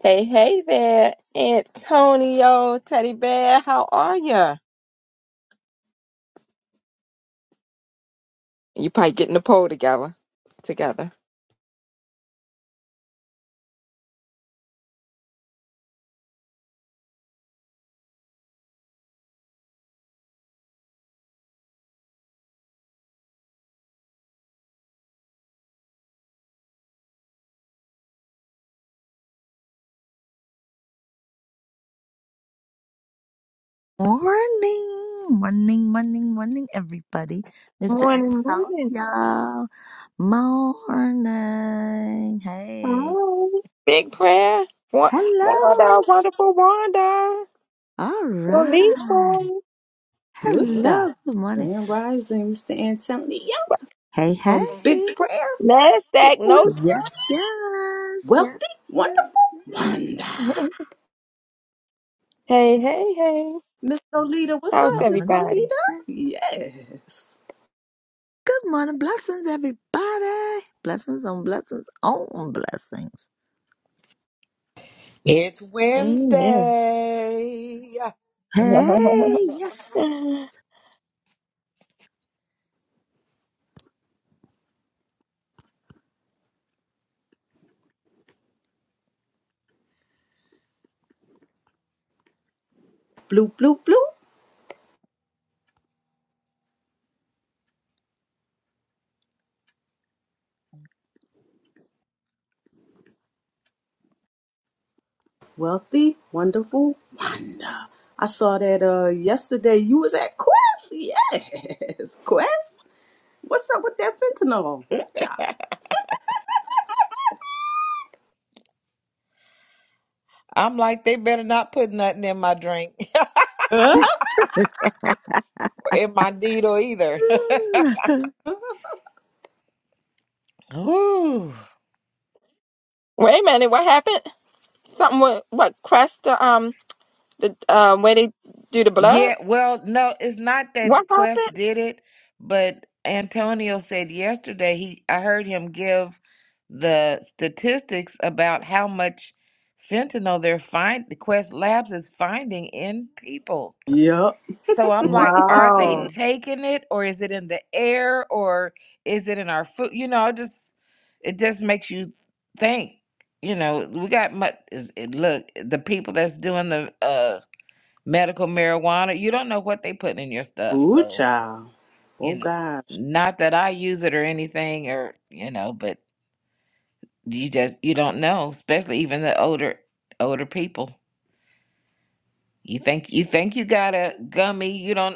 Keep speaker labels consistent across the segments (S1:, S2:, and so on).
S1: Hey, hey there, Antonio, Teddy Bear. How are ya? You probably getting the poll together. Together.
S2: Morning, morning, morning, morning, everybody. Mr.
S1: Morning, morning.
S2: Antonio, morning. Hey,
S1: Hi. Big prayer. Wa-
S2: hello.
S1: Wanda, wonderful Wanda.
S2: All right.
S1: Lolita.
S3: Good job.
S2: Hello. Good morning.
S3: Grand Rising, Mr. Antonio.
S2: Hey, hey.
S3: Um, big prayer,
S1: Nasdaq
S3: Bitcoin,
S1: notes.
S2: Yes, yes, yes,
S3: wealthy,
S2: yes,
S3: wonderful,
S2: yes.
S3: wonder.
S1: Hey, hey, hey.
S3: Miss Lolita, what's
S1: How's
S3: up,
S2: Come
S3: Miss
S2: on.
S1: everybody?
S3: Lolita? Yes.
S2: Good morning. Blessings, everybody. Blessings on blessings on blessings.
S4: It's
S1: Amen.
S4: Wednesday.
S1: Wait
S2: Hey, yes.
S1: a
S3: Blue, blue, blue, wealthy, wonderful, wonder. I saw that uh yesterday. You was at Quest, yes. Quest, what's up with that fentanyl? Ooh, child.
S4: I'm like, they better not put nothing in my drink or in my needle either.
S3: Huh?
S4: Ooh.
S1: minute. What happened? Something with what? Crest the um the uh, where they do the blood?
S4: Yeah, well, no, it's not
S1: What
S4: that
S1: happened?
S4: Quest did it, but Antonio said yesterday he I heard him give the statistics about how much fentanyl they're find the Quest Labs is finding in people.
S3: Yep.
S4: So I'm like, are they
S1: Wow.
S4: taking it or is it in the air or is it in our food? You know, it just it just makes you think. You know, we got much look, the people that's doing the uh medical marijuana, you don't know what they putting in your stuff.
S3: Ooh,
S4: So,
S3: child.
S4: you
S3: Oh
S4: know,
S3: gosh.
S4: not that I use it or anything or, you know, but you just you don't know, especially even the older older people. You think you think you got a gummy, you don't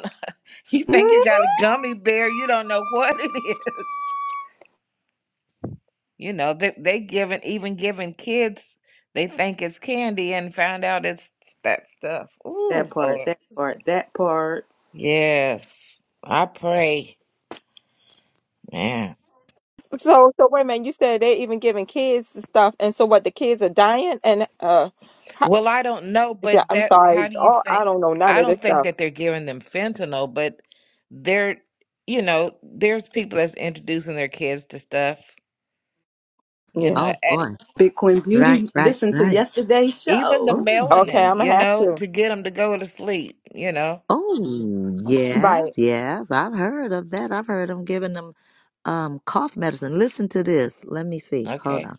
S4: You think you got a
S3: Mhm.
S4: gummy bear? You don't know what it is. You know they they giving even giving kids they think it's candy and found out it's that stuff. Ooh
S3: That part,
S4: Lord,
S3: that part, that part.
S4: yes, I pray, man.
S1: So, so wait a minute. You said they even giving kids the stuff, and so what? The kids are dying, and uh, how,
S4: Well, I don't know,
S1: is that,
S4: but
S1: I'm
S4: that how
S1: sorry.
S4: do you
S1: Oh,
S4: think?
S1: I don't know none
S4: I
S1: of this
S4: don't think
S1: stuff.
S4: that they're giving them fentanyl, but they're you know there's people that's introducing their kids to stuff. You
S1: Yeah.
S4: know,
S2: Oh
S4: at
S2: boy.
S3: Bitcoin
S2: Right,
S3: Beauty,
S2: right,
S3: listen to
S2: right.
S3: yesterday's
S4: even the
S3: show.
S2: Oh,
S3: Yeah.
S1: Okay,
S4: melanin,
S1: I'm
S4: you
S1: gonna have
S4: know,
S1: to.
S4: to get them to go to sleep. You know.
S2: oh, yes,
S1: Right.
S2: yes. I've heard of that. I've heard them giving them um cough medicine. Listen to this. Let me see. Hold
S4: Okay.
S2: on.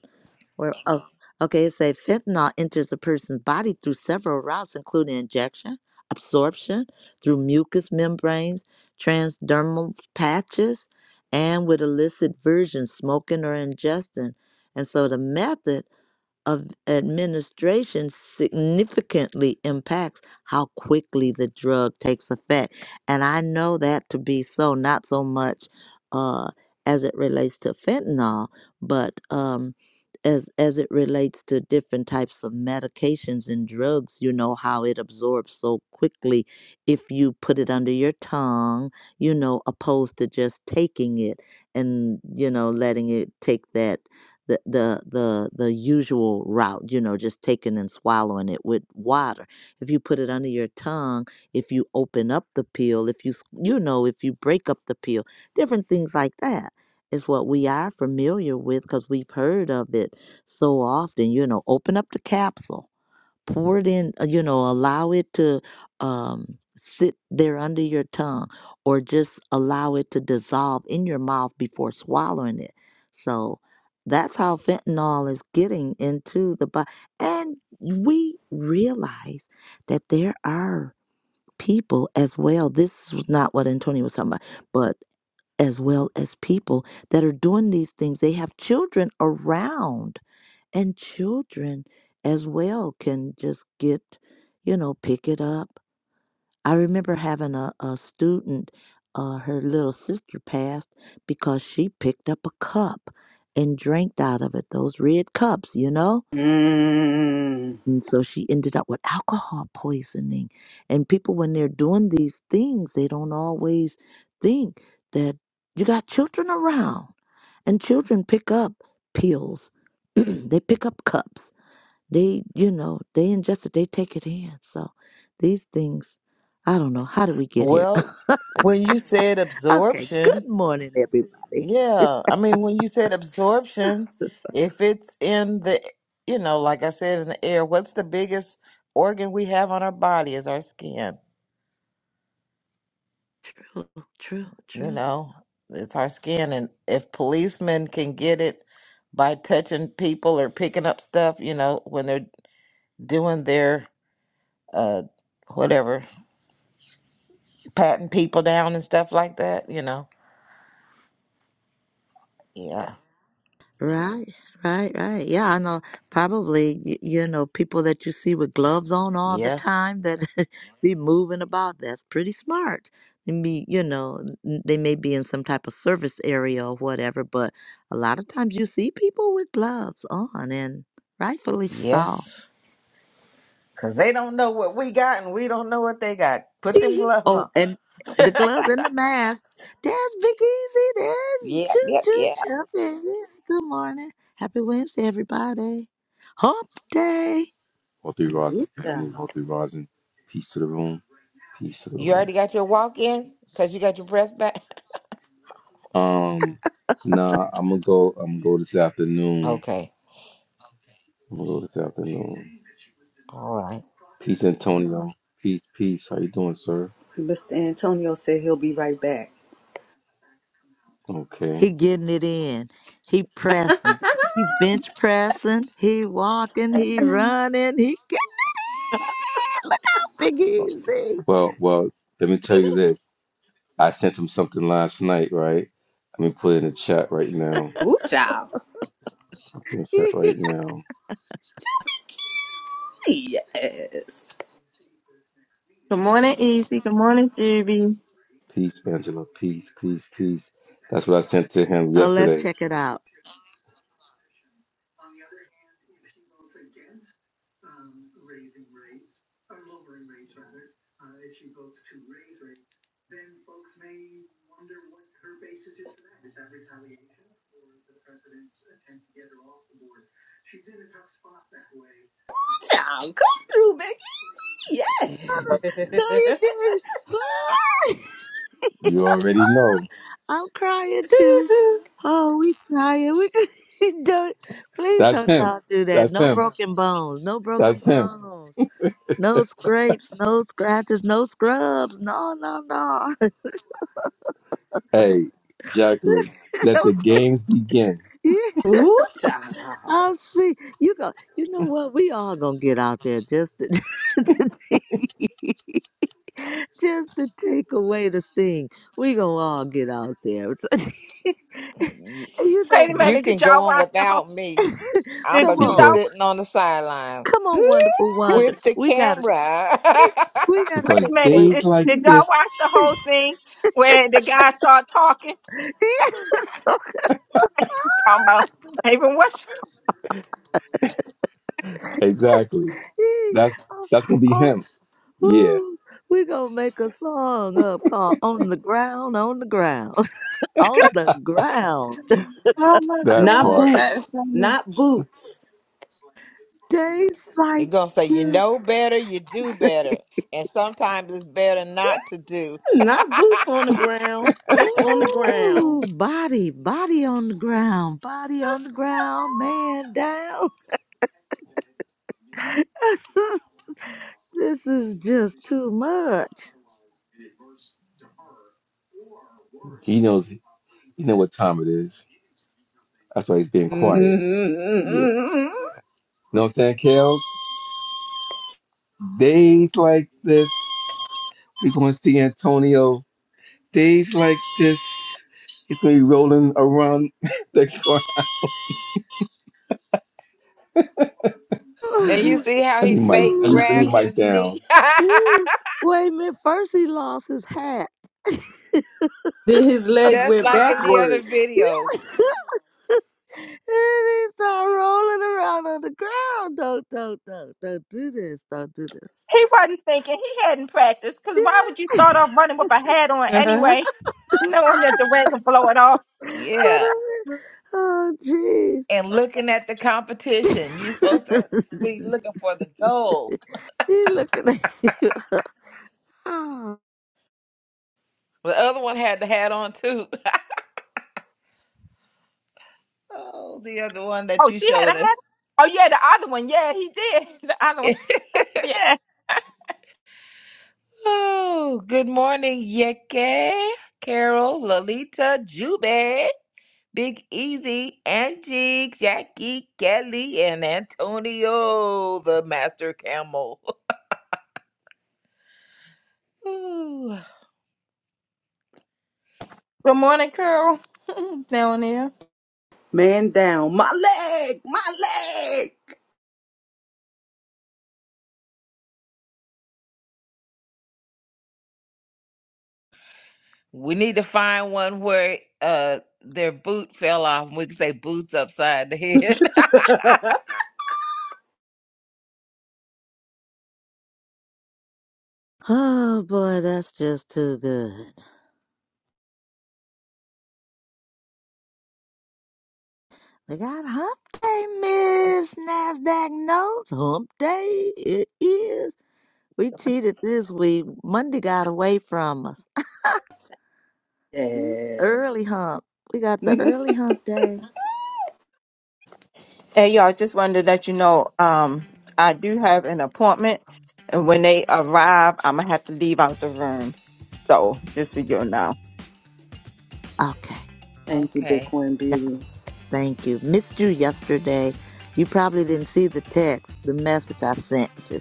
S2: Where? Oh, okay. It says fentanyl enters a person's body through several routes, including injection, absorption through mucous membranes, transdermal patches, and with illicit versions, smoking or ingesting. And so the method of administration significantly impacts how quickly the drug takes effect. And I know that to be so, not so much uh, as it relates to fentanyl, but um, as, as it relates to different types of medications and drugs, you know, how it absorbs so quickly if you put it under your tongue, you know, opposed to just taking it and, you know, letting it take that the the the the usual route, you know, just taking and swallowing it with water. If you put it under your tongue, if you open up the peel, if you s- you know, if you break up the peel, different things like that is what we are familiar with because we've heard of it so often. You know, open up the capsule pour it in uh, you know allow it to um sit there under your tongue or just allow it to dissolve in your mouth before swallowing it so that's how fentanyl is getting into the body and we realize that there are people as well this was not what antonio was talking about but as well as people that are doing these things they have children around and children as well can just get you know pick it up i remember having a, a student uh, her little sister passed because she picked up a cup and drank out of it those red cups you know
S3: Mm.
S2: and so she ended up with alcohol poisoning and people when they're doing these things they don't always think that you got children around and children pick up pills they pick up cups they, you know, they ingest it, they take it in. So these things, I don't know. How did we get here?
S4: Well, when you said
S2: okay. Good
S4: absorption,
S2: morning, everybody.
S4: yeah, I mean, when you said absorption, if it's in the, you know, like I said, in the air, what's the biggest organ we have on our body is our skin.
S2: True, true,
S4: You
S2: true.
S4: know, it's our skin. And if policemen can get it by touching people or picking up stuff, you know, when they're doing their, uh, whatever, patting people down and stuff like that, you know, yeah,
S2: Right, right, right. Yeah, I know. Probably, y- you know, people that you see with gloves on all the
S4: yes,
S2: time that be moving about. That's pretty smart. They be, you know, n- they may be in some type of service area or whatever, but a lot of times you see people with gloves on, and rightfully so.
S4: yes. Cause they don't know what we got and we don't know what they got. Put them gloves
S2: oh,
S4: on.
S2: and the gloves and the mask. There's Big Easy. There's
S4: Yep,
S2: Choo
S4: yep,
S2: Choo
S4: yep.
S2: Choo. There he is. Good morning. Happy Wednesday, everybody. Hump day.
S5: All three rods,
S3: Ooh,
S5: to
S3: child.
S5: family, all three rods, and peace to the room, peace to the
S4: You
S5: room.
S4: already got your walk in? Cause you got your breath back?
S5: Um, nah, I'm gonna go. I'm gonna go this afternoon.
S4: Okay.
S5: I'm gonna go this afternoon.
S4: All right.
S5: Peace, Antonio. Peace, peace. How you doing, sir?
S3: Mr. Antonio said he'll be right back.
S5: Okay.
S2: He getting it in. He pressing. He bench pressing. He walking. He
S1: Good
S2: running. He Look out, Big Easy.
S5: Well, well. Let me tell you this. I sent him something last night, right? Let me put it in the chat right now.
S3: Ooh, child.
S5: In the chat right now.
S3: Yes.
S1: morning, Easy. Good morning, Juby.
S5: Peace, Angela. Peace, peace, peace. That's what I sent to him
S2: oh, let's
S5: yesterday.
S2: check it out.
S3: Child, come through, Biggie.
S2: No, you
S3: Yes.
S2: didn't.
S5: You already know.
S2: I'm crying too. Oh, we crying. We don't. Please
S5: That's
S2: don't
S5: him.
S2: y'all do that.
S5: That's
S2: No
S5: him.
S2: broken bones. No broken
S5: That's him.
S2: bones. No scrapes. No scratches. No scrubs. No, no, no.
S5: Hey, Jacqueline, let
S2: do
S5: the
S2: scr-
S5: games begin
S2: Yeah,
S3: Ooh,
S2: i
S3: child.
S2: see. You go. You know what? We all gonna get out there just to. just to take away the sting. We gonna all get out there. and
S4: You,
S2: you
S1: Wait
S2: know
S1: a
S4: you
S2: what?
S1: minute.
S4: can
S1: Did
S4: go
S1: y'all
S4: on
S1: watch the whole?
S4: without me. I'm
S1: Did,
S4: gonna
S2: Come
S1: did
S4: be
S2: on,
S1: y'all
S5: because
S4: sitting on the sidelines
S2: come on, wonderful Wanda.
S4: with the
S2: We gotta,
S4: camera.
S2: we gotta
S1: wait
S5: because
S1: a
S2: take
S1: minute?
S2: away
S5: days
S1: Did,
S2: the
S5: like
S1: did
S2: sting.
S1: y'all watch
S5: this,
S1: the whole thing where the guy start talking?
S2: Yes,
S1: Talking about even what's?
S5: exactly.
S2: okay.
S5: That's
S2: Oh,
S5: that's gonna be
S2: oh,
S5: him. Yeah,
S2: woo. We gonna make a song up called "On the Ground, On the Ground, On the Ground."
S1: Oh my
S5: that
S3: Not
S1: God,
S5: part.
S1: that's
S3: boots. Not boots.
S2: Days
S4: You're
S2: like
S4: gonna say you know
S2: this.
S4: better, you do better. And sometimes it's better not to do.
S3: Not boots on the ground. Just on the ground.
S2: Ooh, body, body on the ground, body on the ground, man down. this is just too much.
S5: He knows. He know what time it is. That's why he's being quiet. Yeah, know what I'm saying, Kels? Days like this, we're gonna see Antonio. Days like this, he's gonna be rolling around the court.
S4: And you
S2: Ooh,
S4: see how
S5: Let
S4: he
S5: me mic.
S4: fake
S5: Let me
S4: grabbed
S2: ooh.
S5: mic
S4: his
S5: down.
S4: knee?
S2: ooh. Wait a minute, first he lost his hat.
S3: Then his leg
S4: Just
S3: went
S4: like in the other
S3: backwards.
S4: video.
S2: and he started rolling around on the ground. Don't, don't, don't, don't do this. Don't do this.
S1: He wasn't thinking. He hadn't practiced. Because why would you start off running with a hat on anyway,
S3: Man
S1: knowing that the wind can blow it off?
S2: what
S4: Yeah.
S2: a minute. Oh, jeez.
S4: and looking at the competition. You're supposed to be looking for the gold.
S2: he looking at you.
S4: The other one had the hat on too. Oh, the other one that
S1: Oh,
S4: you
S1: she had a
S4: showed
S1: hat?
S4: us.
S1: Oh, yeah, the other one. Yeah, he did. The other one. Yeah.
S4: oh, good morning, Yeke, Carol, Lolita, Jube, Big Easy, Angie, Jackie, Kelly, and Antonio, the master camel. Ooh.
S1: Good morning, Carol. Down there.
S3: down. My leg! My leg!
S4: We need to find one where uh their boot fell off and we can say boots upside the head.
S2: Oh boy, that's just too good. We got hump day, Miss Nasdaq notes. Hump day it is. We cheated this week. Monday got away from us.
S3: yes.
S2: Early hump. We got the early hump day.
S1: Hey, y'all, just wanted to let you know um, I do have an appointment. And when they arrive, I'm going to have to leave out the room. So just so you know.
S2: Okay.
S3: Thank you,
S4: Okay.
S3: Bitcoin
S2: Yeah,
S3: Beauty.
S2: Thank you. Missed you yesterday. You probably didn't see the text, the message I sent you.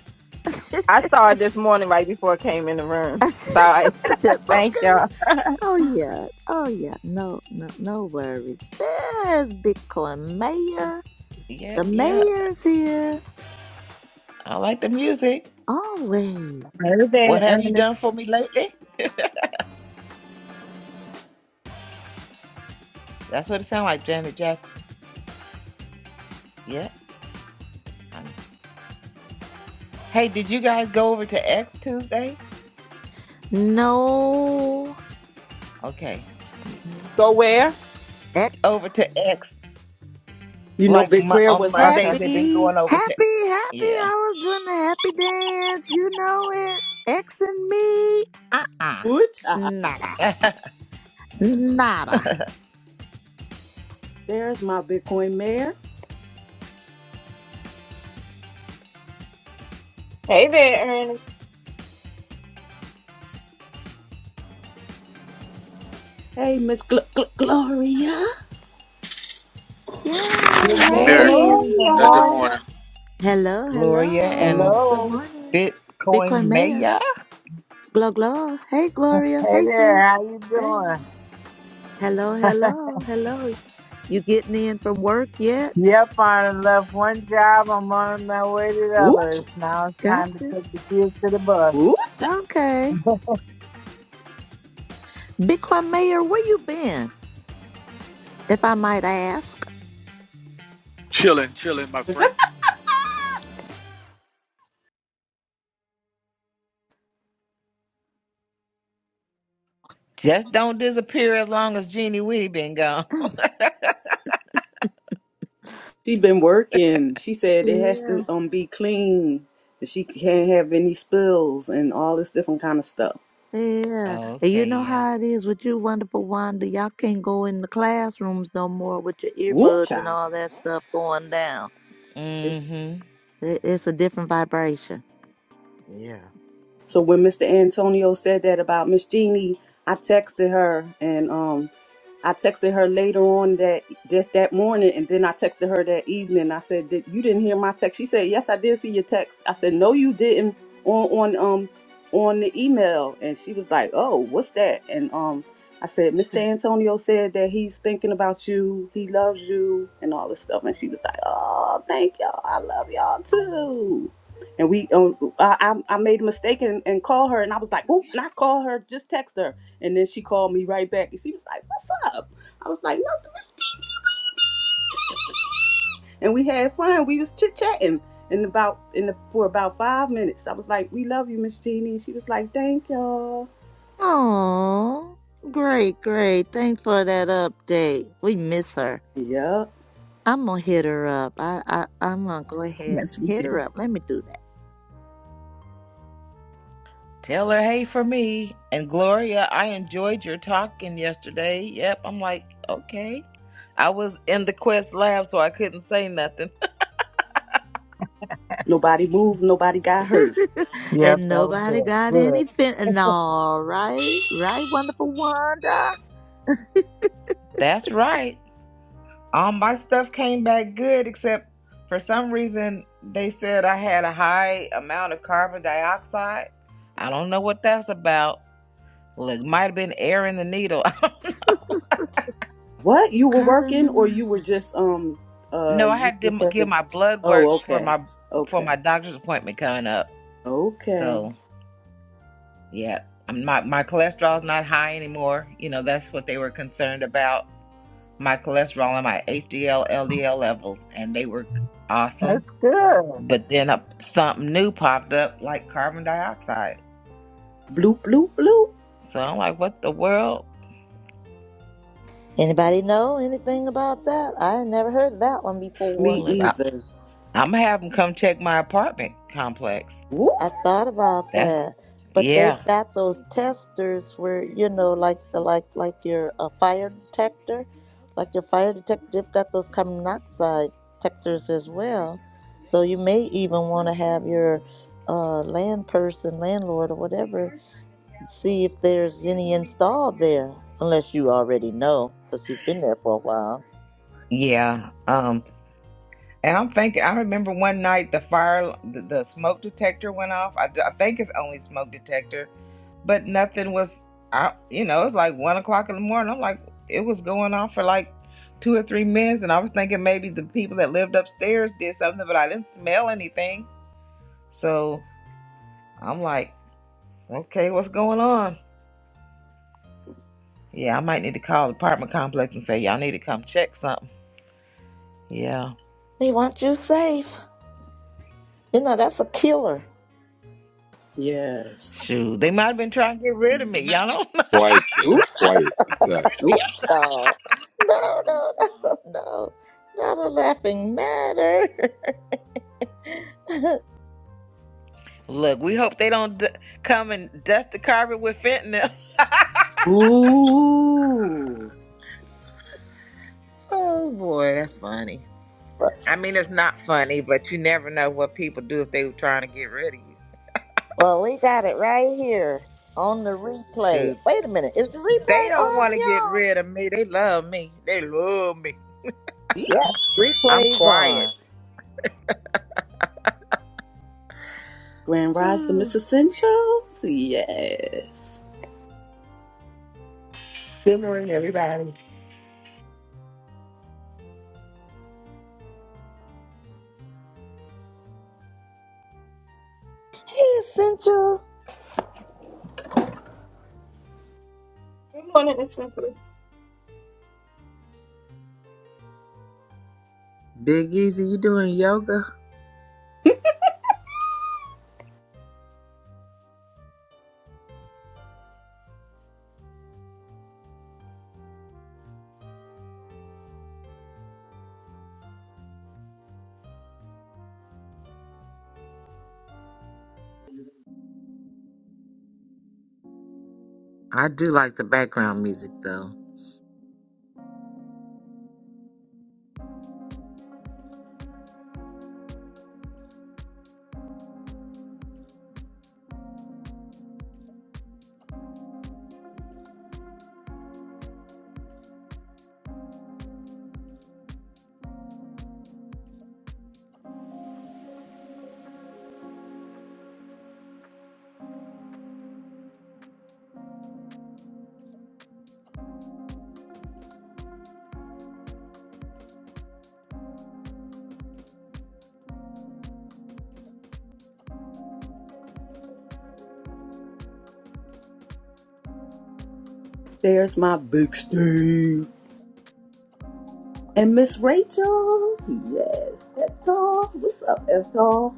S1: I saw it this morning right before I came in the room. Sorry.
S2: That's
S1: Thank
S2: okay.
S1: y'all.
S2: Oh yeah, oh yeah. No, no, no worries. There's Bitcoin mayor.
S4: Yep,
S2: The
S4: yep.
S2: mayor's here
S4: I like the music.
S2: always.
S1: Heard
S4: What
S1: that,
S4: have you
S1: Ernest.
S4: done for me lately? That's what it sounds like, Janet Jackson. Yep. I'm- Hey, did you guys go over to X Tuesday?
S2: No
S4: Okay.
S2: Mm-hmm.
S1: Go where?
S4: Over
S2: X.
S4: to X.
S3: You know,
S4: Like
S3: Big
S4: mo-
S3: Prayer
S4: on
S3: was
S1: Okay.
S4: Mondays, they've been
S3: happy.
S4: going over to.
S2: Happy, happy.
S4: Yeah.
S2: I was doing the happy dance. You know it. X and me. Uh uh
S3: Ooh, child.
S2: Nada. Nada.
S3: There's my Bitcoin mayor.
S1: Hey there, Ernest.
S3: Hey, Miss Gl- Gl- Gloria.
S2: Yeah.
S6: Good
S1: Good
S7: Yeah,
S2: yeah.
S4: hey,
S6: morning.
S1: morning,
S6: Good
S7: yeah, good
S1: y'all.
S6: morning.
S7: morning.
S2: Hello,
S4: Gloria and
S2: hello. Good
S6: Hello.
S2: morning,
S4: Bitcoin
S2: Bitcoin mayor.
S4: Maya.
S2: Glow, glow. Hey, Gloria.
S6: Hey
S2: Hey,
S6: there. How
S2: sis.
S6: you
S2: Hey.
S6: doing?
S2: Hello, hello, hello. You getting in from work yet?
S6: Yep, I done left one job. I'm on my way to the
S3: Ooh,
S6: others.
S3: child.
S6: Now it's time to
S2: Gotcha.
S6: take the kids to the bus.
S3: Ooh, child.
S2: Okay. Bitcoin Mayor, where you been, if I might ask?
S7: Chilling, chilling, my friend.
S4: Just don't disappear as long as Jeannie Weenie been gone.
S3: She been working. She said it has to
S2: Yeah.
S3: um be clean. That she can't have any spills and all this different kind of stuff.
S2: Yeah. And you
S4: okay,
S2: know
S4: yeah.
S2: how it is with you, wonderful Wanda. Y'all can't go in the classrooms no more with your
S3: Woo
S2: earbuds and all that stuff going down.
S4: Mm
S2: It- It's a different vibration.
S4: hmm.
S3: So when Mr. Antonio said that about Miss Jeannie, I texted her and um I texted her later on that this that morning and then I texted her that evening. I said, Did you didn't hear my text? She said, Yes, I did see your text. I said, No, you didn't on on um on the email and she was like, Oh, what's that? And um I said, Mr. Antonio said that he's thinking about you, he loves you and all this stuff. And she was like, Oh, thank y'all. I love y'all too. And we, um, I, I I made a mistake and, and called her, and I was like, "Oop, not call her, just text her." And then she called me right back, and she was like, "What's up?" I was like, "Nothing." was tea." And we had fun. We was chit chatting in about in the, for about five minutes. I was like, "We love you, Miss Jeannie." She was like, "Thank y'all."
S2: Oh, great, great. Thanks for that update. We miss her.
S3: Yeah.
S2: I'm gonna hit her up. I, I I'm gonna go ahead
S1: Yes,
S2: and
S1: we
S2: hit
S1: did.
S2: her up. Let me do
S4: Tell her hey for me. And Gloria, I enjoyed your talking yesterday. Yep. I'm like, okay. I was in the Quest lab, so I couldn't say nothing.
S3: Nobody moved. Nobody got hurt.
S2: that.
S6: Yep,
S2: and
S6: that was
S2: nobody
S6: it.
S2: got
S6: Good.
S2: any fin. No, right, right, wonderful Wanda.
S4: That's right. All my stuff came back good, except for some reason they said I had a high amount of carbon dioxide. I don't know what that's about. Look, might have been air in the needle.
S3: What? You were
S2: Carbon
S3: working, or you
S2: monoxide.
S3: were just um uh
S4: no, I
S3: you
S4: had to m-
S3: just had
S4: get
S3: to?
S4: my blood work
S3: Oh,
S4: for
S3: okay,
S4: my for
S3: okay,
S4: my doctor's appointment coming up.
S3: okay.
S4: So Yeah. Um, My my cholesterol's not high anymore. You know, that's what they were concerned about. My cholesterol and my HDL, LDL levels, and they were awesome.
S6: That's good.
S4: But then up, something new popped up, like carbon dioxide.
S3: Bloop bloop bloop.
S4: So I'm like, what the world?
S2: Anybody know anything about that? I had never heard of that one before.
S3: Me
S4: Look, I,
S3: either.
S4: I'm gonna have them come check my apartment complex.
S2: I
S3: Woo!
S2: thought about
S4: That's
S2: that, but
S4: yeah,
S2: they've got those testers where you know, like the like like your uh, fire detector, like your fire detector, they've got those carbon monoxide detectors as well. So you may even want to have your uh, land person, landlord, or whatever, see if there's any installed there, unless you already know because you've been there for a while.
S4: yeah. Um. And I'm thinking, I remember one night the fire, the, the smoke detector went off. I, d- I think it's only smoke detector, but nothing was I You know, it's like one o'clock in the morning. I'm like, it was going off for like two or three minutes. And I was thinking maybe the people that lived upstairs did something, but I didn't smell anything. So I'm like, okay, what's going on? Yeah, I might need to call the apartment complex and say, y'all need to come check something. Yeah.
S2: They want you safe. You know that's a killer.
S3: Yes.
S4: Shoot, they might have been trying to get rid of me. Y'all know
S5: Quiet killer.
S3: Ooh-cha.
S5: Quiet at that.
S3: Ooh-cha.
S2: No, no, no, no, no, not a laughing matter.
S4: Look, we hope they don't d- come and dust the carpet with fentanyl.
S3: Ooh.
S4: Oh boy, that's funny. I mean, it's not funny, but you never know what people do if they were trying to get rid of you.
S2: well, we got it right here on the replay.
S4: Shoot,
S2: Wait a minute, is the
S4: they
S2: replay
S4: don't want to get
S2: on, y'all?
S4: rid of me. They love me. They love me.
S2: Yep,
S4: I'm
S2: replay's
S4: quiet.
S2: on.
S3: Grand Rise to Miss
S4: Ooh.
S3: Essentials. Yes.
S8: Good morning, everybody.
S2: Hey, Essential,
S1: Good morning, Miss Essential.
S4: Big Easy, you doing yoga? I do like the background music though.
S3: There's my big Steve. And Miss Rachel. Yes. Eftol. What's up, Eftol?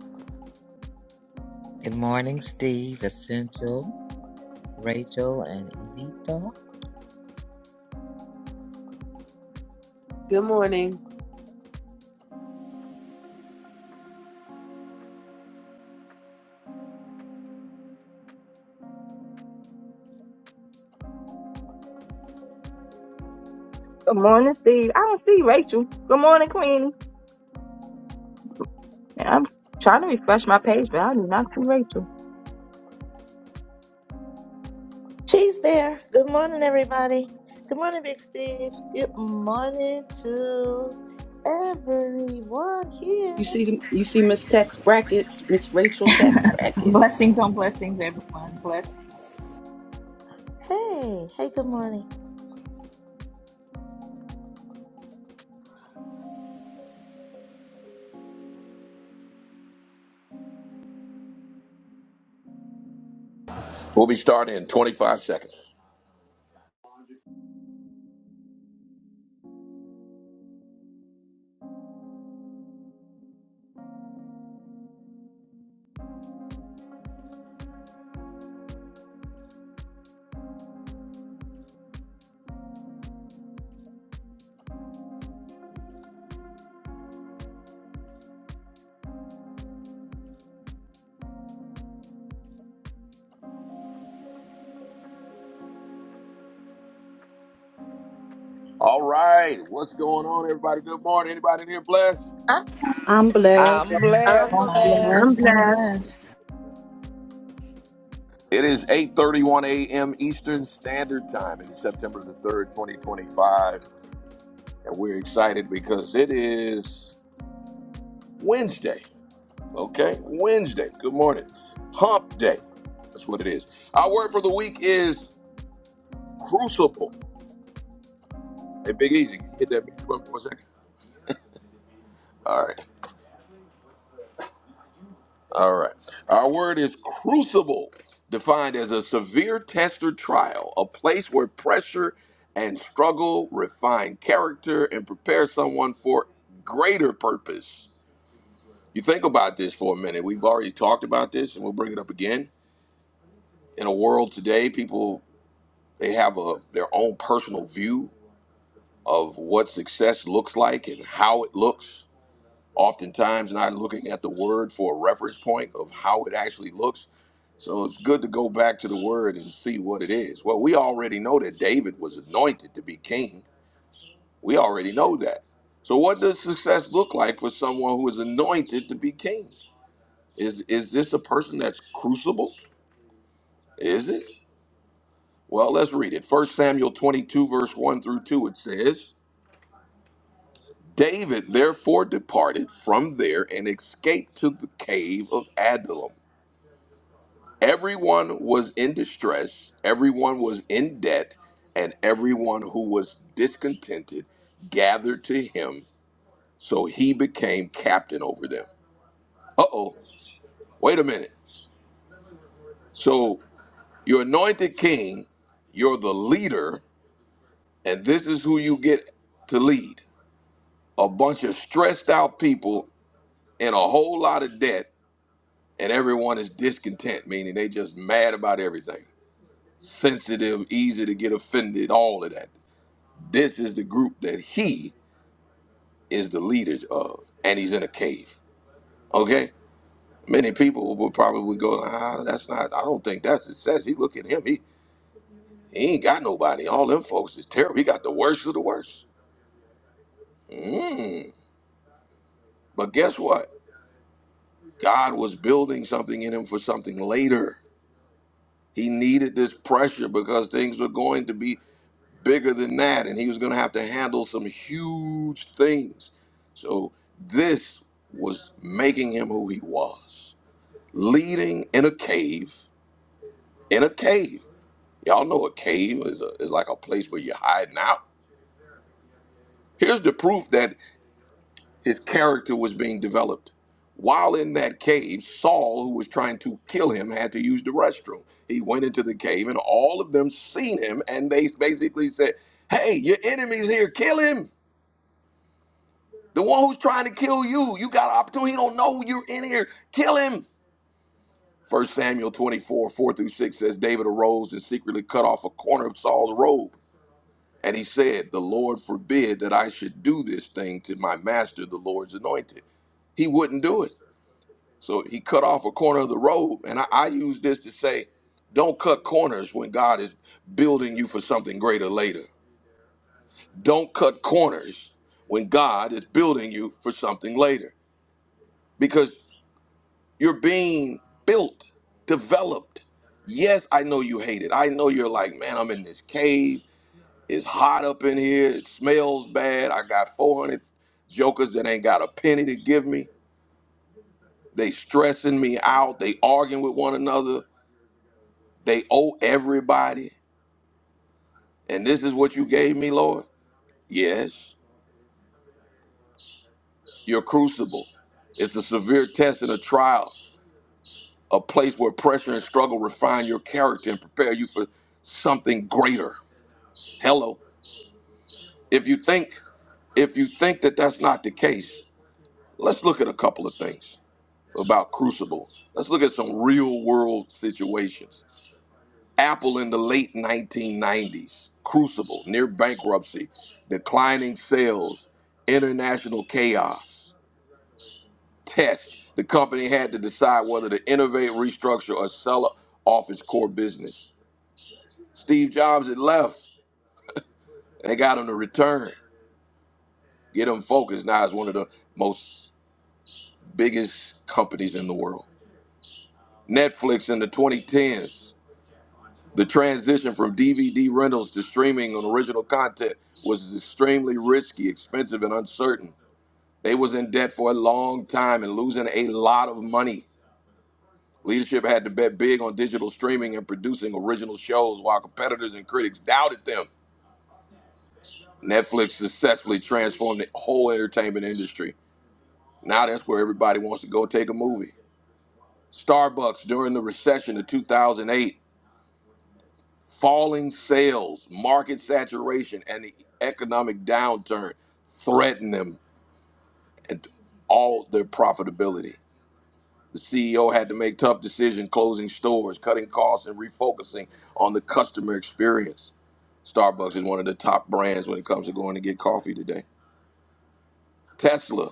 S4: Good morning, Steve. Essential. Rachel and Evita.
S8: Good morning.
S1: Good morning, Steve. I don't see Rachel. Good morning, Queenie. And I'm trying to refresh my page, but I do not see Rachel.
S2: she's there. Good morning, everybody. Good morning, Big Steve. Good morning to everyone here.
S3: You see them, you see Miss Tax Brackets, Miss Rachel Tax Brackets.
S9: Blessings on blessings, everyone. Blessed.
S2: Hey, hey, good morning.
S10: We'll be starting in 25 seconds. All right, what's going on, everybody? Good morning. Anybody in here blessed?
S3: I'm blessed.
S4: I'm
S8: I'm
S4: blessed.
S9: I'm
S6: Yep.
S1: I'm
S8: blessed.
S9: blessed. I'm
S1: blessed.
S9: blessed.
S10: It is 8:31 a.m. Eastern Standard Time. It is September the third, 2025, and we're excited because it is Wednesday. Okay, Wednesday. Good morning. Hump Day. That's what it is. Our word for the week is crucible. Hey, Big Easy, can you hit that music button for a second? All right. All right. Our word is crucible, defined as a severe test or trial, a place where pressure and struggle refine character and prepare someone for greater purpose. You think about this for a minute. We've already talked about this and we'll bring it up again. In a world today, people they have a their own personal view of what success looks like and how it looks oftentimes not looking at the word for a reference point of how it actually looks. So it's good to go back to the word and see what it is. Well, we already know that David was anointed to be king. We already know that. So what does success look like for someone who is anointed to be king? Is is this a person that's crucible? Is it? Well, let's read it. First Samuel 22 verse 1 through 2 it says, David therefore departed from there and escaped to the cave of Adullam. Everyone was in distress, everyone was in debt, and everyone who was discontented gathered to him, so he became captain over them. Uh oh, wait a minute. So you're anointed king, you're the leader, and this is who you get to lead a bunch of stressed out people in a whole lot of debt, and everyone is discontent, meaning they just mad about everything. Sensitive, easy to get offended, all of that. This is the group that he is the leader of, and he's in a cave. Okay? Many people would probably go, ah, that's not, I don't think that's success. He look at him, he, he ain't got nobody. All them folks is terrible. He got the worst of the worst. Mm. But guess what? God was building something in him for something later. He needed this pressure because things were going to be bigger than that, and he was going to have to handle some huge things. So this was making him who he was. leading in a cave, in a cave. Y'all know a cave is, a, is like a place where you're hiding out. Here's the proof that his character was being developed. While in that cave, Saul, who was trying to kill him, had to use the restroom. He went into the cave, and all of them seen him, and they basically said, "Hey, your enemy's here. Kill him. The one who's trying to kill you. You got an opportunity. He don't know you're in here. Kill him." First Samuel 24, 4 through 6 says, David arose and secretly cut off a corner of Saul's robe. And he said, The Lord forbid that I should do this thing to my master, the Lord's anointed. He wouldn't do it. So he cut off a corner of the robe. And I, I use this to say, don't cut corners when God is building you for something greater later. Don't cut corners when God is building you for something later. because." You're being built, developed. Yes, I know you hate it. I know you're like, man, I'm in this cave. It's hot up in here. It smells bad. I got 400 jokers that ain't got a penny to give me. They stressing me out. They arguing with one another. They owe everybody. And this is what you gave me, Lord? Yes. Your crucible. It's a severe test and a trial, a place where pressure and struggle refine your character and prepare you for something greater. Hello. If you think if you think that that's not the case, let's look at a couple of things about Crucible. Let's look at some real world situations. Apple in the late 1990s, Crucible near bankruptcy, declining sales, international chaos. Test. The company had to decide whether to innovate, restructure, or sell off its core business. Steve Jobs had left, and they got him to return, get him focused. Now it's one of the most biggest companies in the world. Netflix in the 2010s, the transition from DVD rentals to streaming on original content was extremely risky, expensive, and uncertain. They was in debt for a long time and losing a lot of money. Leadership had to bet big on digital streaming and producing original shows while competitors and critics doubted them. Netflix successfully transformed the whole entertainment industry. Now that's where everybody wants to go take a movie. Starbucks during the recession of 2008 Falling sales, market saturation, and the economic downturn threaten them and all their profitability. The CEO had to make tough decisions, closing stores, cutting costs, and refocusing on the customer experience. Starbucks is one of the top brands when it comes to going to get coffee today. Tesla,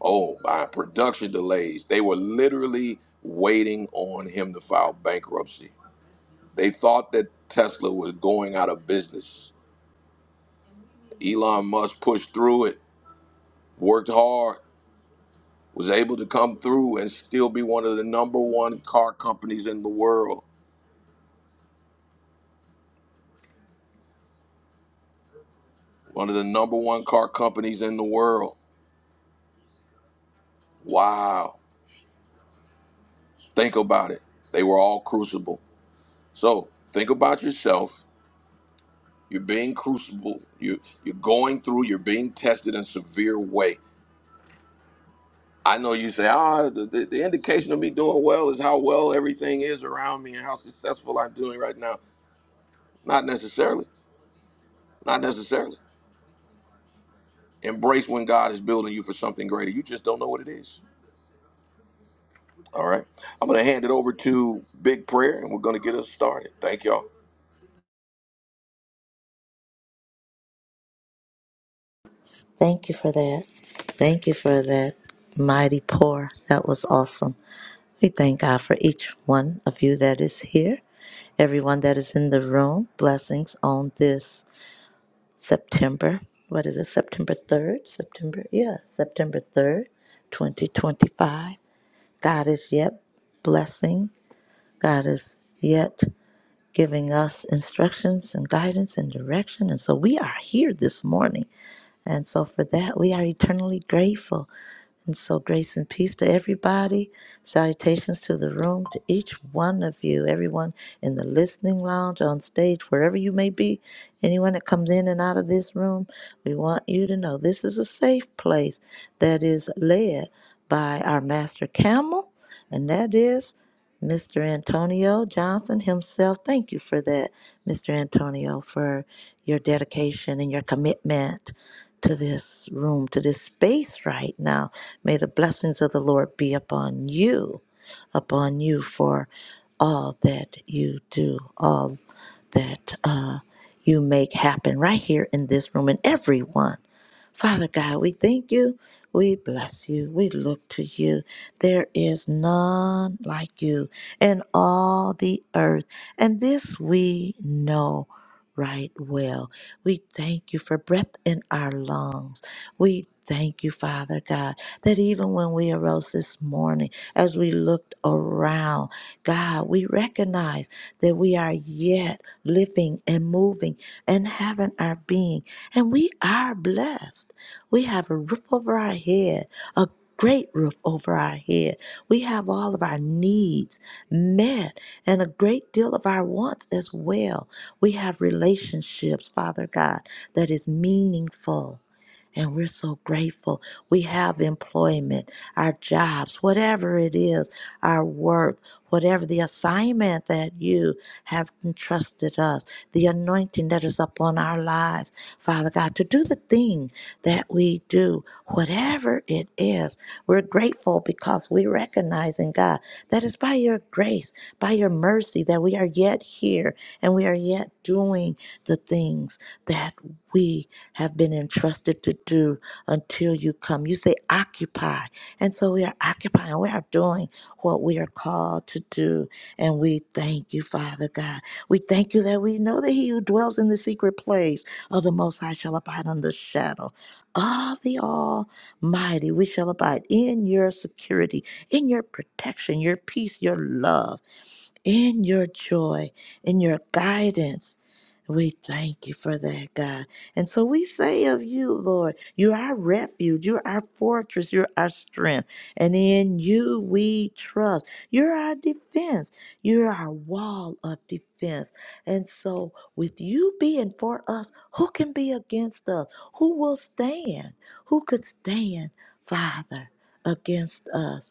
S10: oh by production delays. They were literally waiting on him to file bankruptcy. They thought that Tesla was going out of business Elon Musk pushed through it, worked hard, was able to come through and still be one of the number one car companies in the world. One of the number one car companies in the world. Wow. Think about it. They were all crucible. So think about yourself. You're being crucible. You you're going through, you're being tested in a severe way. I know you say, ah, the, the, the indication of me doing well is how well everything is around me and how successful I'm doing right now. Not necessarily. Not necessarily. Embrace when God is building you for something greater. You just don't know what it is. All right. I'm going to hand it over to Big Prayer and we're going to get us started. Thank y'all.
S2: Thank you for that. Thank you for that mighty pour. That was awesome. We thank God for each one of you that is here, everyone that is in the room. Blessings on this September. What is it? September 3rd? September, yeah, September 3rd, 2025. God is yet blessing. God is yet giving us instructions and guidance and direction. And so we are here this morning. And so for that, we are eternally grateful. And so, grace and peace to everybody. Salutations to the room, to each one of you, everyone in the listening lounge, on stage, wherever you may be, anyone that comes in and out of this room. We want you to know this is a safe place that is led by our master camel, and that is Mr. Antonio Johnson himself. Thank you for that, Mr. Antonio, for your dedication and your commitment to this room, to this space right now. May the blessings of the Lord be upon you, upon you for all that you do, all that uh, you make happen right here in this room and everyone. Father God, we thank you. We bless you. We look to you. There is none like you in all the earth. And this we know right well. We thank you for breath in our lungs. We thank you, Father God, that even when we arose this morning, as we looked around, God, we recognize that we are yet living and moving and having our being. And we are blessed. We have a roof over our head, a great roof over our head. We have all of our needs met and a great deal of our wants as well. We have relationships, Father God, that is meaningful. And we're so grateful. We have employment, our jobs, whatever it is, our work, whatever the assignment that you have entrusted us, the anointing that is upon our lives, Father God, to do the thing that we do, whatever it is. We're grateful because we recognize in God that it's by your grace, by your mercy, that we are yet here and we are yet doing the things that we have been entrusted to do until you come. You say occupy. And so we are occupying. We are doing what we are called to do. And we thank you, Father God. We thank you that we know that he who dwells in the secret place of the Most High shall abide under the shadow of the Almighty. We shall abide in your security, in your protection, your peace, your love in your joy, in your guidance. We thank you for that, God. And so we say of you, Lord, you're our refuge, you're our fortress, you're our strength, and in you we trust. You're our defense, you're our wall of defense. And so, with you being for us, who can be against us? Who will stand? Who could stand, Father, against us?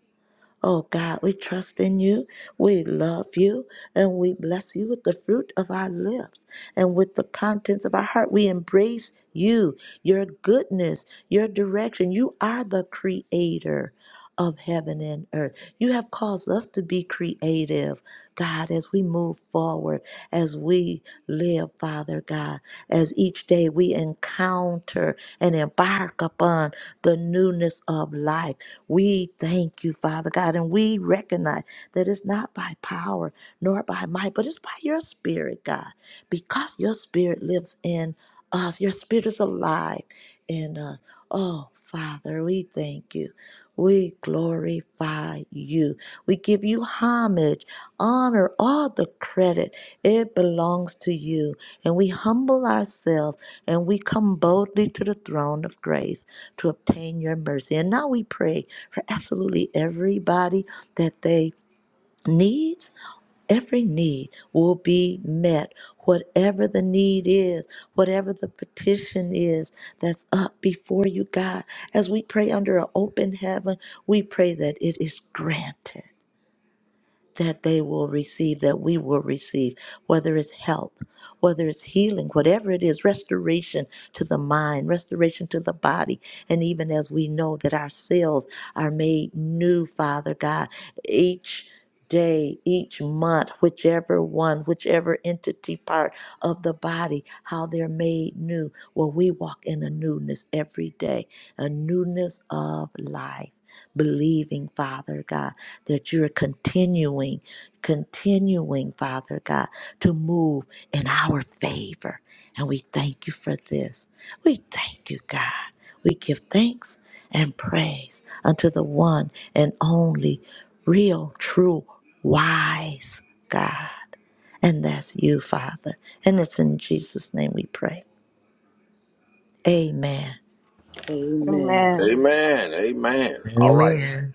S2: Oh God, we trust in you. We love you. And we bless you with the fruit of our lips and with the contents of our heart. We embrace you, your goodness, your direction. You are the creator of heaven and earth. You have caused us to be creative, God, as we move forward, as we live, Father God, as each day we encounter and embark upon the newness of life. We thank you, Father God, and we recognize that it's not by power nor by might, but it's by your spirit, God, because your spirit lives in us. Your spirit is alive in us. Oh, Father, we thank you. We glorify you. We give you homage, honor, all the credit. It belongs to you. And we humble ourselves and we come boldly to the throne of grace to obtain your mercy. And now we pray for absolutely everybody that they needs every need will be met whatever the need is whatever the petition is that's up before you god as we pray under an open heaven we pray that it is granted that they will receive, that we will receive, whether it's help, whether it's healing, whatever it is, restoration to the mind, restoration to the body. And even as we know that our cells are made new, Father God, each day, each month, whichever one, whichever entity part of the body, how they're made new. Well, we walk in a newness every day, a newness of life, believing, Father God that you're continuing, continuing, Father God, to move in our favor. And we thank you for this. We thank you, God. We give thanks and praise unto the one and only real, true, wise God. And that's you, Father. And it's in Jesus' name we pray. Amen.
S3: Amen.
S1: Amen.
S10: Amen. Amen. All right.
S4: Amen.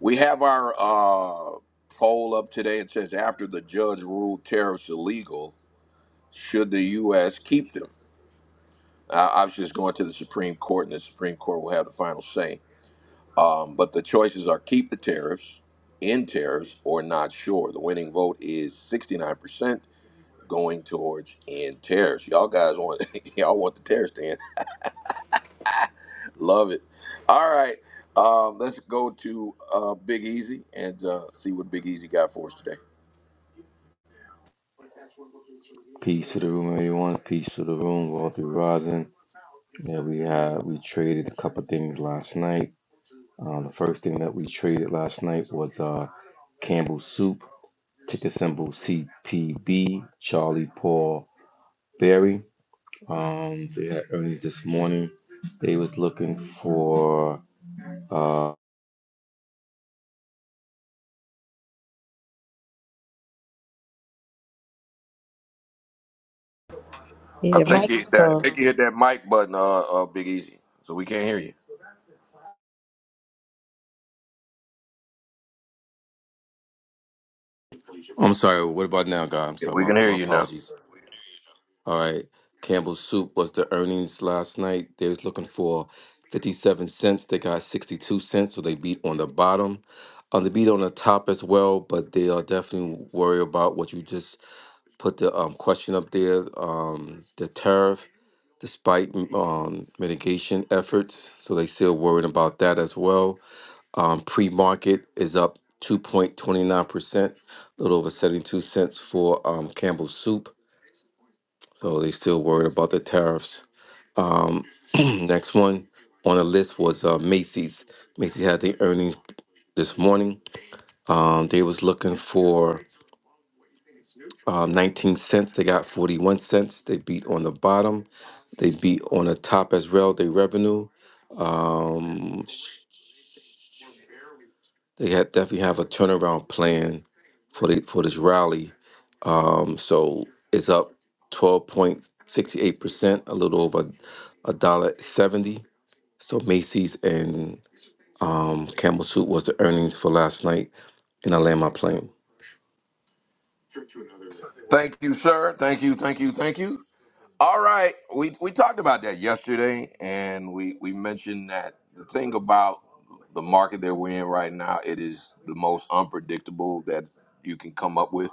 S10: We have our uh, poll up today. It says after the judge ruled tariffs illegal, should the U.S. keep them? Uh, I was going to the Supreme Court, and the Supreme Court will have the final say. Um, but the choices are keep the tariffs, end tariffs, or not sure. The winning vote is 69%. going towards in tariffs. Y'all guys want y'all want the tariffs to end. Love it. All right. Um, let's go to uh, Big Easy and uh, see what Big Easy got for us today.
S5: Peace to the room, everyone. Peace to the room. Wealthy Rising. Yeah, we had we traded a couple things last night. Uh, the first thing that we traded last night was uh, Campbell Soup, ticker symbol CPB, Charlie Paul Barry. Um, they had earnings this morning. They was looking for. Uh,
S10: I
S2: Your
S10: think
S2: mic
S10: you
S2: is
S10: hit that I
S2: closed.
S10: think you hit that mic button, uh, uh, Big Easy. So we can't hear you.
S5: I'm sorry. What about now, guy? I'm
S10: Yeah,
S5: sorry.
S10: We
S5: My,
S10: can hear
S5: my
S10: you now.
S5: apologies. All right. Campbell's Soup was the earnings last night. They was looking for 57 cents. They got 62 cents, so they beat on the bottom. On the beat on the top as well, but they are definitely worried about what you just put the um, question up there. Um, the tariff, despite um, mitigation efforts, so they still worried about that as well. Um, pre-market is up 2.29 percent, a little over 72 cents for um, Campbell's Soup. So they still worried about the tariffs. Um, next one on the list was uh, Macy's. Macy's had the earnings this morning. Um, they was looking for um, 19 cents. They got 41 cents. They beat on the bottom. They beat on the top as well. Their revenue. Um, they had definitely have a turnaround plan for the, for this rally. Um, so it's up twelve point sixty eight percent, a little over a dollar seventy. So Macy's and um, Campbell Soup was the earnings for last night, and I land my plane.
S10: Thank you, sir. Thank you, thank you, thank you. All right. We we talked about that yesterday and we, we mentioned that the thing about the market that we're in right now, it is the most unpredictable that you can come up with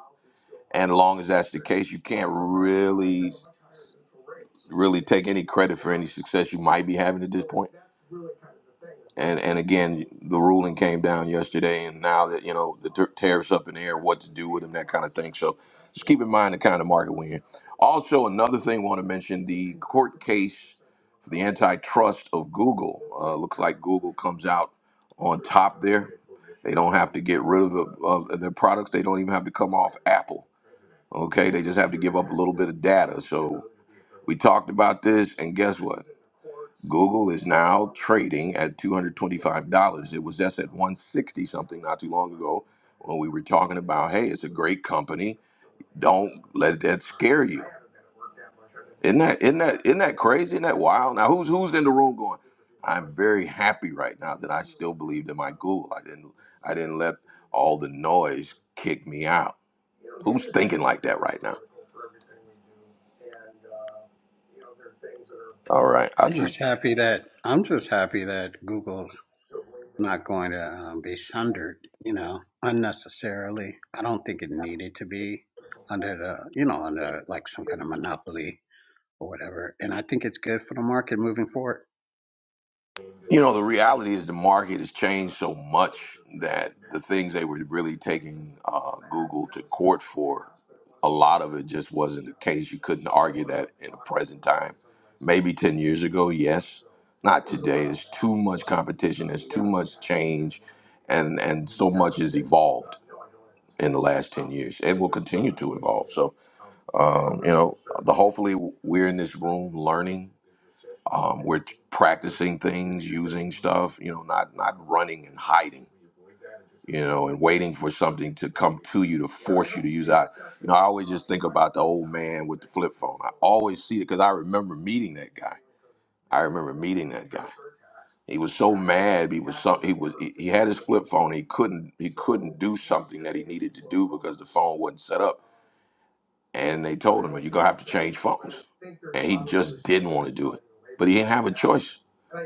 S10: And long as that's the case, you can't really, really take any credit for any success you might be having at this point. And and again, the ruling came down yesterday, and now that you know the ter- tariffs up in the air, what to do with them, that kind of thing. So just keep in mind the kind of market we're in. Also, another thing I want to mention: the court case for the antitrust of Google. Uh, looks like Google comes out on top there. They don't have to get rid of, the, of their products. They don't even have to come off Apple. Okay, they just have to give up a little bit of data. So we talked about this, and guess what? Google is now trading at $225. It was just at 160 something not too long ago when we were talking about, hey, it's a great company. Don't let that scare you. Isn't that isn't that isn't that crazy? Isn't that wild? Now who's who's in the room going? I'm very happy right now that I still believed in my Google. I didn't I didn't let all the noise kick me out. Who's thinking like that right now? All right. I
S11: I'm
S10: see
S11: just happy that I'm just happy that Google's not going to um, be sundered, you know, unnecessarily. I don't think it needed to be under the, you know, under like some kind of monopoly or whatever. And I think it's good for the market moving forward.
S10: You know, the reality is the market has changed so much that the things they were really taking uh, Google to court for, a lot of it just wasn't the case. You couldn't argue that in the present time. Maybe 10 years ago, yes. Not today. There's too much competition, there's too much change, and, and so much has evolved in the last 10 years and will continue to evolve. So, um, you know, the, hopefully we're in this room learning um, we're practicing things, using stuff, you know, not not running and hiding, you know, and waiting for something to come to you to force you to use out. You know, I always just think about the old man with the flip phone. I always see it because I remember meeting that guy. I remember meeting that guy. He was so mad. He was so he was he, he had his flip phone. He couldn't he couldn't do something that he needed to do because the phone wasn't set up and they told him, "Well, "You're gonna have to change phones," and he just didn't want to do it, but he didn't have a choice.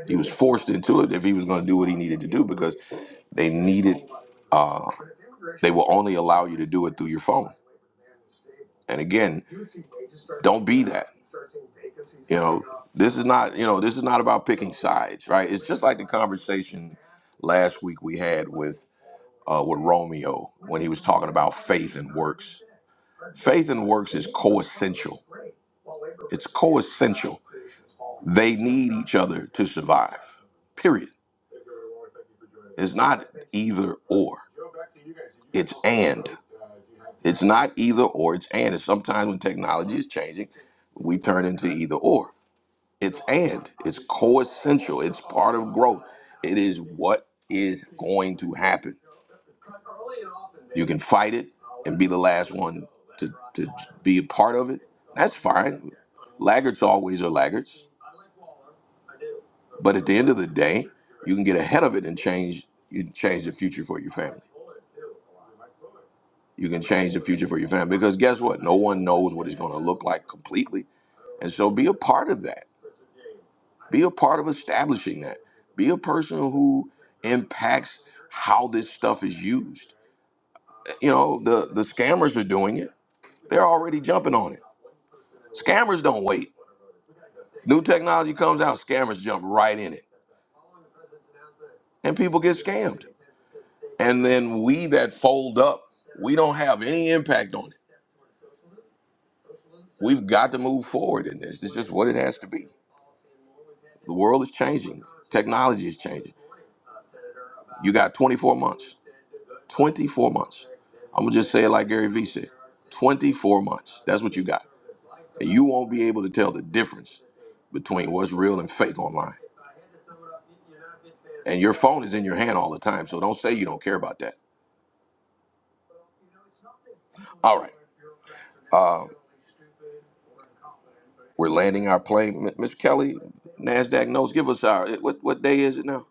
S10: He was forced into it if he was going to do what he needed to do because they needed. Uh, they will only allow you to do it through your phone. And again, don't be that. You know, this is not. You know, this is not about picking sides, right? It's just like the conversation last week we had with uh, with Romeo when he was talking about faith and works. Faith and works is coessential it's coessential. They need each other to survive. Period. It's not either or. It's and. It's not either or. It's and. And sometimes when technology is changing, we turn into either or. It's and. It's coessential. It's part of growth. It is what is going to happen. You can fight it and be the last one to, to be a part of it. That's fine. Laggards always are laggards But at the end of the day, you can get ahead of it and change you can change the future for your family. You can change the future for your family because guess what? No one knows what it's going to look like completely. And so be a part of that. Be a part of establishing that. Be a person who impacts how this stuff is used. You know, the the scammers are doing it. They're already jumping on it. Scammers don't wait. New technology comes out, scammers jump right in it. And people get scammed. and then we that fold up, we don't have any impact on it. We've got to move forward in this. It's just what it has to be. The world is changing. Technology is changing. You got 24 months. 24 months. I'm gonna just say it like Gary Vee said. 24 months. That's what you got. And you won't be able to tell the difference between what's real and fake online. And your phone is in your hand all the time, so don't say you don't care about that. All right. Um, We're landing our plane. M- Mr. Kelly, NASDAQ knows. Give us our, what, what day is it now?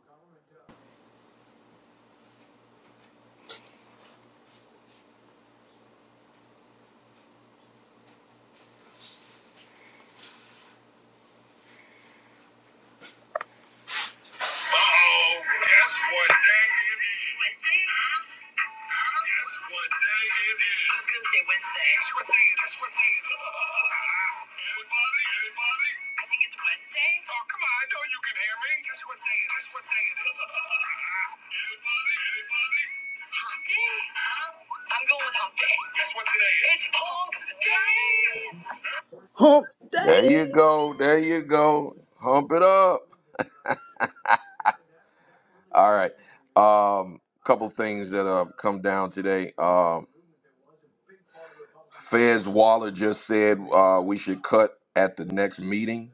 S3: Uh-oh. Guess what day it is? Wednesday? Guess what day it is? I was going to say Wednesday. Guess what day it is? What day it is? Anybody? Anybody? I think it's Wednesday. Oh, come on. I know you can hear me. Guess what day Guess what day it is? Anybody? Anybody? Hump day? Huh? I'm going hump day. Guess what today is? It's hump day! Hump
S10: There
S3: day.
S10: you go. There you go. Hump it up. All right. Um, couple things that have come down today. Um, Fez Waller just said uh, we should cut at the next meeting.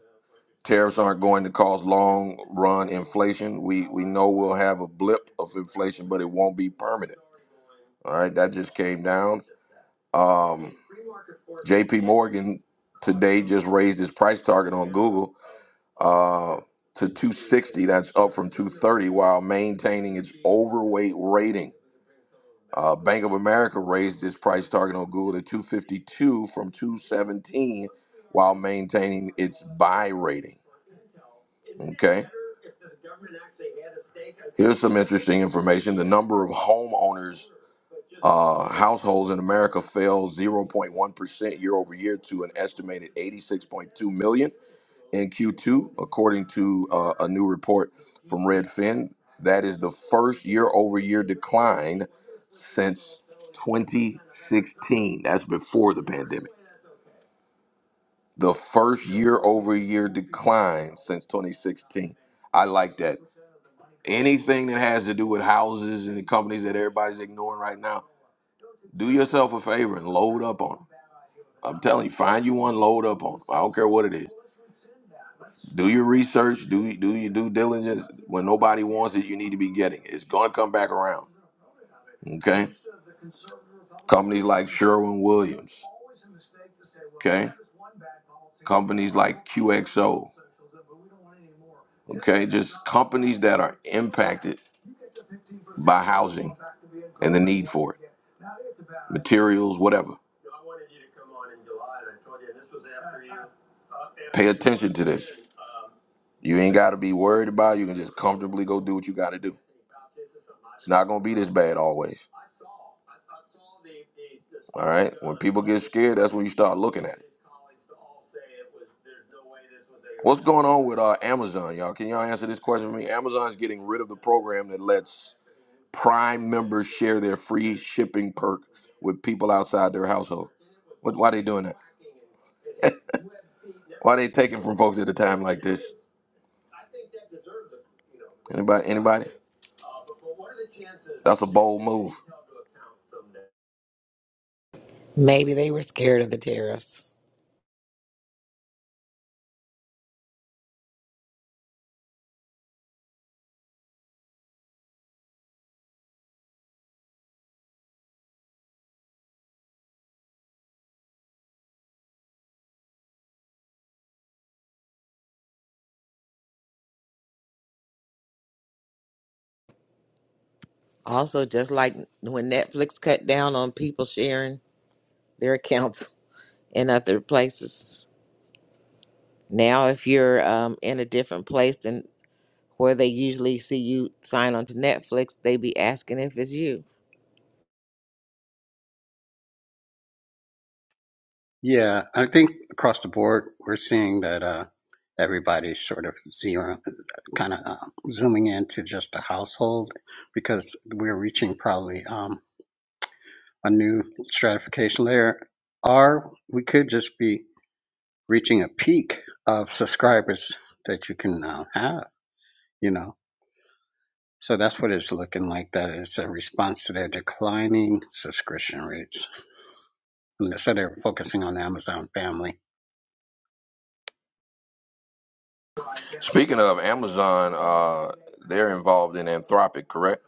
S10: Tariffs aren't going to cause long run inflation. We we know we'll have a blip of inflation, but it won't be permanent. All right, that just came down. Um, JP Morgan today just raised its price target on Google uh, to 260. That's up from 230 while maintaining its overweight rating. Uh, Bank of America raised its price target on Google to 252 from 217 while maintaining its buy rating. Okay. Here's some interesting information. The number of homeowners Uh, households in America fell 0.1% year over year to an estimated 86.2 million in Q2, according to uh, a new report from Redfin. That is the first year over year decline since 2016. That's before the pandemic. The first year over year decline since 2016. I like that. Anything that has to do with houses and the companies that everybody's ignoring right now, do yourself a favor and load up on 'em. I'm telling you, find you one, load up on them. I don't care what it is. Do your research, do do your due diligence. When nobody wants it, you need to be getting it. It's gonna come back around. Okay, companies like Sherwin Williams. Okay, companies like QXO. Okay, just companies that are impacted by housing and the need for it, materials, whatever. Pay attention to this. You ain't got to be worried about it. You can just comfortably go do what you got to do. It's not going to be this bad always. All right? When people get scared, that's when you start looking at it. What's going on with uh, Amazon, y'all? Can y'all answer this question for me? Amazon's getting rid of the program that lets Prime members share their free shipping perk with people outside their household. What? Why they doing that? Why they taking from folks at a time like this? Anybody? Anybody? That's a bold move.
S4: Maybe they were scared of the tariffs. Also, just like when Netflix cut down on people sharing their accounts in other places. Now, if you're um, in a different place, where they usually see you sign on to Netflix, they be asking if it's you.
S11: Yeah, I think across the board we're seeing that uh, everybody's sort of zero, kind of uh, zooming into just the household because we're reaching probably. Um, a new stratification layer, or we could just be reaching a peak of subscribers that you can now have, you know. So that's what it's looking like. That is a response to their declining subscription rates. And they said they were focusing on Amazon family.
S10: Speaking of Amazon, uh, they're involved in Anthropic, correct?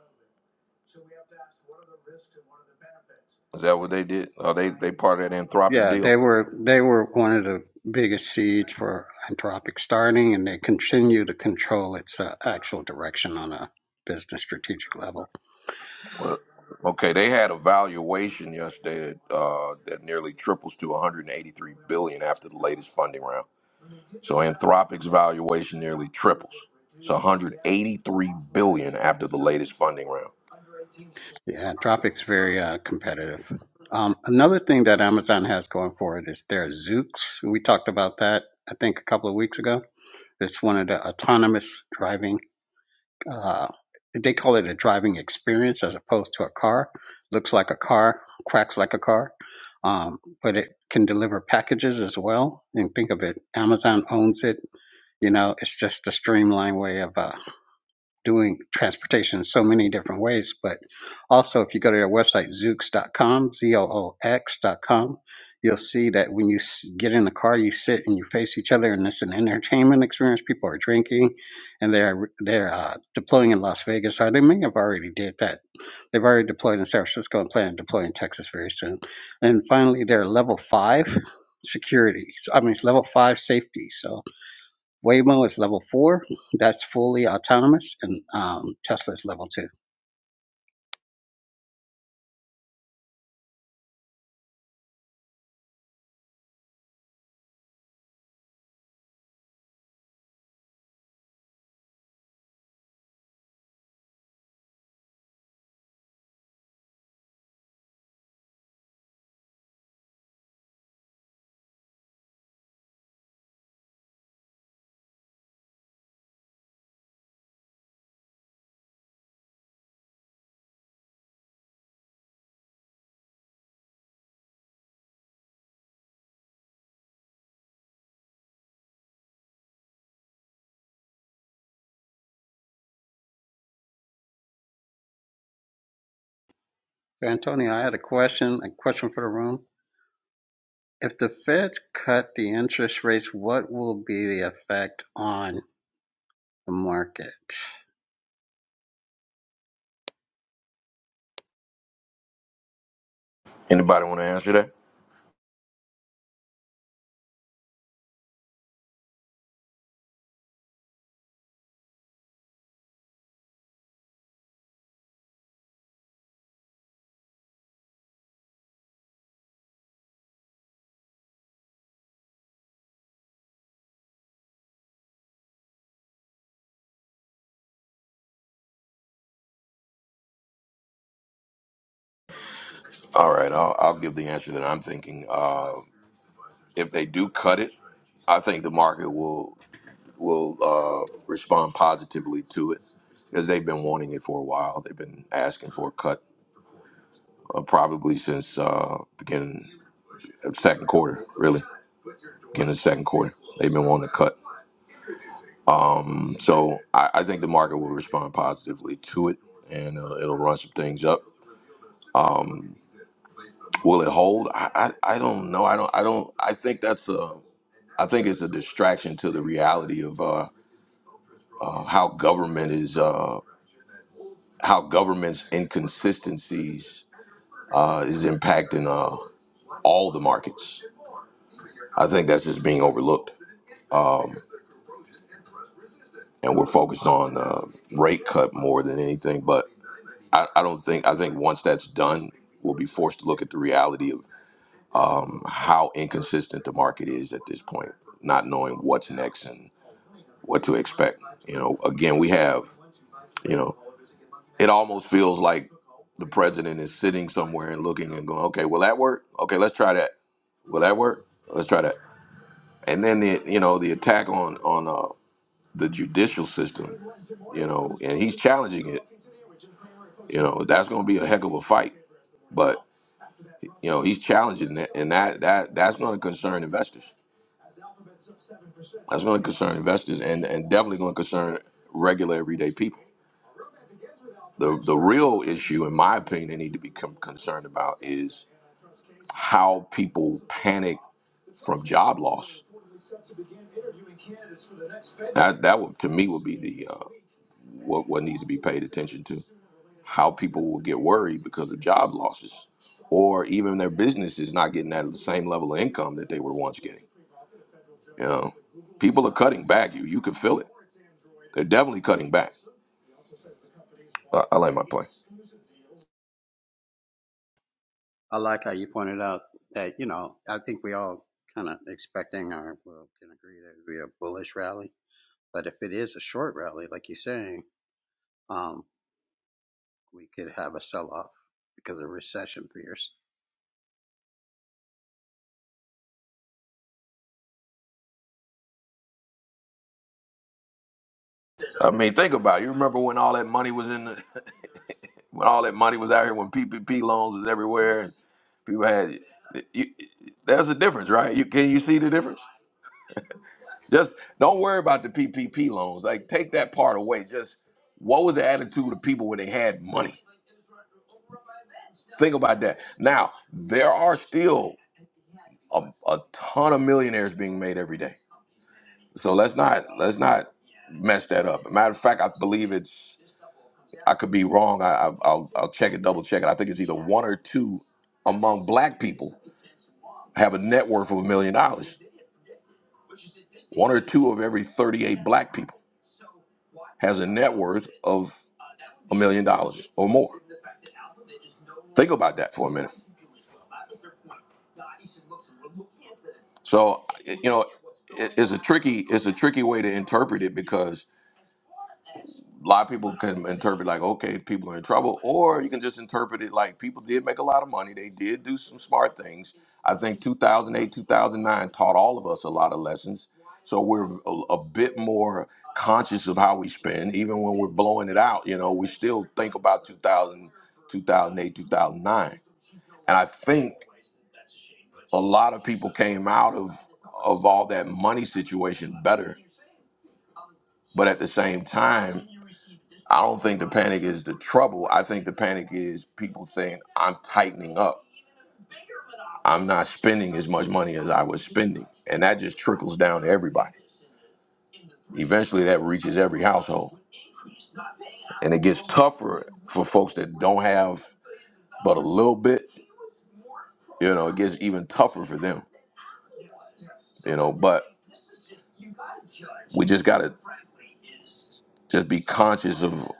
S10: Is that what they did? Are they they part of that Anthropic
S11: Yeah, they
S10: deal?
S11: were they were one of the biggest seeds for Anthropic starting and they continue to control its uh, actual direction on a business strategic level.
S10: Well, okay, they had a valuation yesterday that, uh, that nearly triples to 183 billion after the latest funding round. So Anthropic's valuation nearly triples. It's 183 billion after the latest funding round.
S11: Yeah, Tropic's very uh, competitive. Um, another thing that Amazon has going for it is their Zoox. We talked about that, I think, a couple of weeks ago. It's one of the autonomous driving. Uh, they call it a driving experience as opposed to a car. Looks like a car, quacks like a car, um, but it can deliver packages as well. And think of it, Amazon owns it. You know, it's just a streamlined way of uh, doing transportation in so many different ways. But also, if you go to their website, zoox.com, Z O O X.com, you'll see that when you s- get in the car, you sit and you face each other, and it's an entertainment experience. People are drinking, and they're they're uh, deploying in Las Vegas. Or they may have already did that. They've already deployed in San Francisco and plan to deploy in Texas very soon. And finally, they're level five security. So, I mean, it's level five safety. So Waymo is level four. That's fully autonomous, and um, Tesla is level two. So, Antonio, I had a question, a question for the room. If the Feds cut the interest rates, what will be the effect on the market?
S10: Anybody want to answer that? All right, I'll, I'll give the answer that I'm thinking. Uh, if they do cut it, I think the market will will uh, respond positively to it because they've been wanting it for a while. They've been asking for a cut uh, probably since uh, beginning of second quarter, really beginning of second quarter. They've been wanting a cut. Um, so I, I think the market will respond positively to it, and it'll, it'll run some things up. Um, will it hold? I, I I don't know. I don't I don't. I think that's a I think it's a distraction to the reality of uh, uh, how government is uh, how government's inconsistencies uh, is impacting uh, all the markets. I think that's just being overlooked, um, and we're focused on uh, rate cut more than anything. But. I, I don't think I think once that's done, we'll be forced to look at the reality of um, how inconsistent the market is at this point, not knowing what's next and what to expect. You know, again, we have, you know, it almost feels like the president is sitting somewhere and looking and going, okay, will that work? Okay, let's try that. Will that work? Let's try that. And then the you know the attack on on uh, the judicial system, you know, and he's challenging it. You know, that's going to be a heck of a fight. You know, he's challenging that, and that that that's going to concern investors. That's going to concern investors, and and definitely going to concern regular everyday people. The the real issue, in my opinion, they need to become concerned about is how people panic from job loss. That that would, to me would be the uh, what what needs to be paid attention to. How people will get worried because of job losses, or even their business is not getting that same level of income that they were once getting. You know, people are cutting back. You you can feel it. They're definitely cutting back. I, I like my play.
S11: I like how you pointed out that, you know, I think we all kind of expecting or well, can agree that it would be a bullish rally. But if it is a short rally, like you're saying, um, we could have a sell off because of recession fears.
S10: I mean, think about it. You remember when all that money was in the, when all that money was out here, when PPP loans was everywhere, and people had. You, there's a difference, right? You can you see the difference? Just don't worry about the PPP loans. Like take that part away. Just what was the attitude of people when they had money? Think about that. Now there are still a, a ton of millionaires being made every day. So let's not let's not mess that up. Matter of fact, I believe it's I could be wrong. I, I, I'll, I'll check it, double check it. I think it's either one or two among black people have a net worth of a million dollars. One or two of every 38 black people has a net worth of a million dollars or more. Think about that for a minute. So, you know, it, it's a tricky, it's a tricky way to interpret it because a lot of people can interpret like okay people are in trouble or you can just interpret it like people did make a lot of money they did do some smart things i think 2008 2009 taught all of us a lot of lessons so we're a, a bit more conscious of how we spend even when we're blowing it out you know we still think about two thousand, two thousand 2009 and i think a lot of people came out of of all that money situation better but at the same time I don't think the panic is the trouble. I think the panic is people saying, I'm tightening up. I'm not spending as much money as I was spending. And that just trickles down to everybody. Eventually, that reaches every household. And it gets tougher for folks that don't have but a little bit. You know, it gets even tougher for them, you know, but we just got to just be conscious of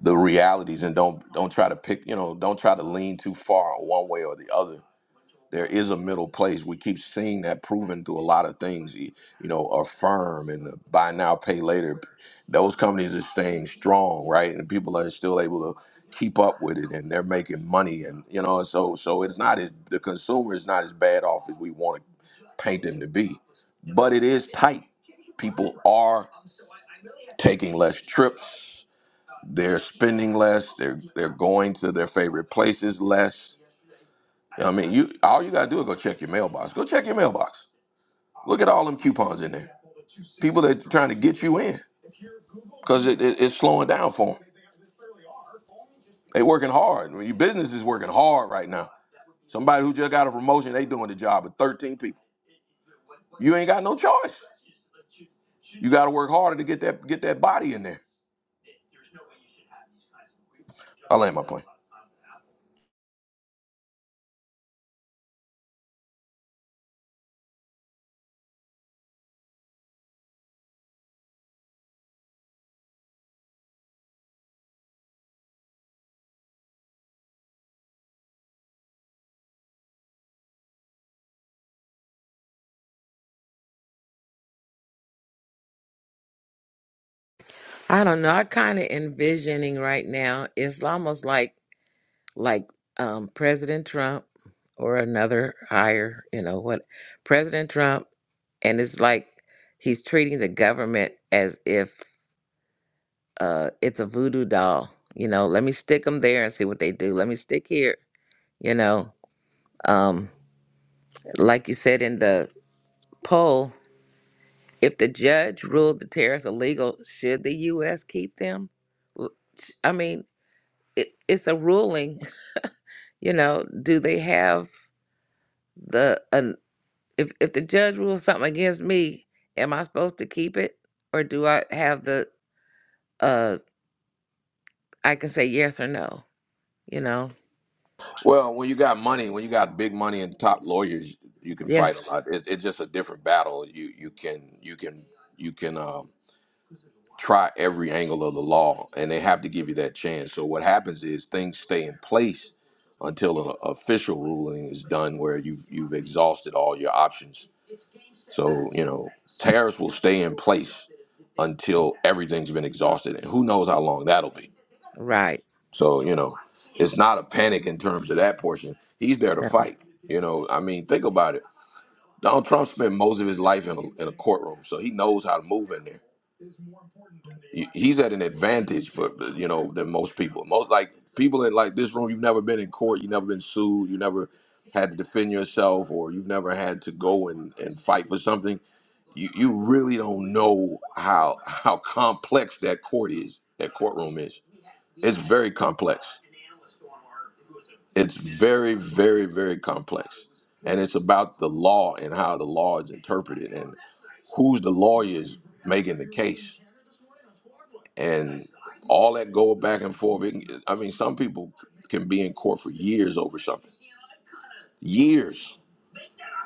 S10: the realities and don't don't try to pick you know don't try to lean too far one way or the other there is a middle place. We keep seeing that proven through a lot of things. You you know, Affirm and Buy Now, Pay Later. Those companies are staying strong, right? And people are still able to keep up with it, and they're making money. And you know, so so it's not as the consumer is not as bad off as we want to paint them to be, but it is tight. People are taking less trips. They're spending less. They're they're going to their favorite places less I mean, you all you gotta do is go check your mailbox. Go check your mailbox. Look at all them coupons in there. People that trying to get you in because it, it- it's slowing down for them. They working hard. I mean, your business is working hard right now. Somebody who just got a promotion, they doing the job of 13 people. You ain't got no choice. You got to work harder to get that get that body in there. I land my plane.
S4: I don't know. I kind of envisioning right now. It's almost like like um, President Trump or another higher, you know what? President Trump, and it's like he's treating the government as if uh, it's a voodoo doll. You know, let me stick them there and see what they do. Let me stick here. You know, um, like you said in the poll, If the judge ruled the tariffs illegal, should the U.S. keep them? L- I mean, it, it's a ruling. You know, do they have the an if if the judge rules something against me, am I supposed to keep it, or do I have the uh? I can say yes or no. You know,
S10: Well, when you got money, when you got big money and top lawyers, you can fight a lot.
S4: yes,
S10: It, it's just a different battle. You you can you can you can. um, try every angle of the law and they have to give you that chance. So what happens is things stay in place until an official ruling is done where you've you've exhausted all your options. So, you know, tariffs will stay in place until everything's been exhausted and who knows how long that'll be.
S4: right,
S10: So, you know, it's not a panic in terms of that portion. He's there to
S4: no.
S10: fight. You know, I mean, think about it. Donald Trump spent most of his life in a, in a courtroom, so he knows how to move in there. he's at an advantage for you know than most people. Most like people in like this room, you've never been in court, you've never been sued, you never had to defend yourself, or you've never had to go and, and fight for something. You you really don't know how how complex that court is, that courtroom is. It's very complex. It's very very very complex, and it's about the law and how the law is interpreted and who's the lawyers making the case and all that go back and forth. It, can- I mean, some people can be in court for years over something, years,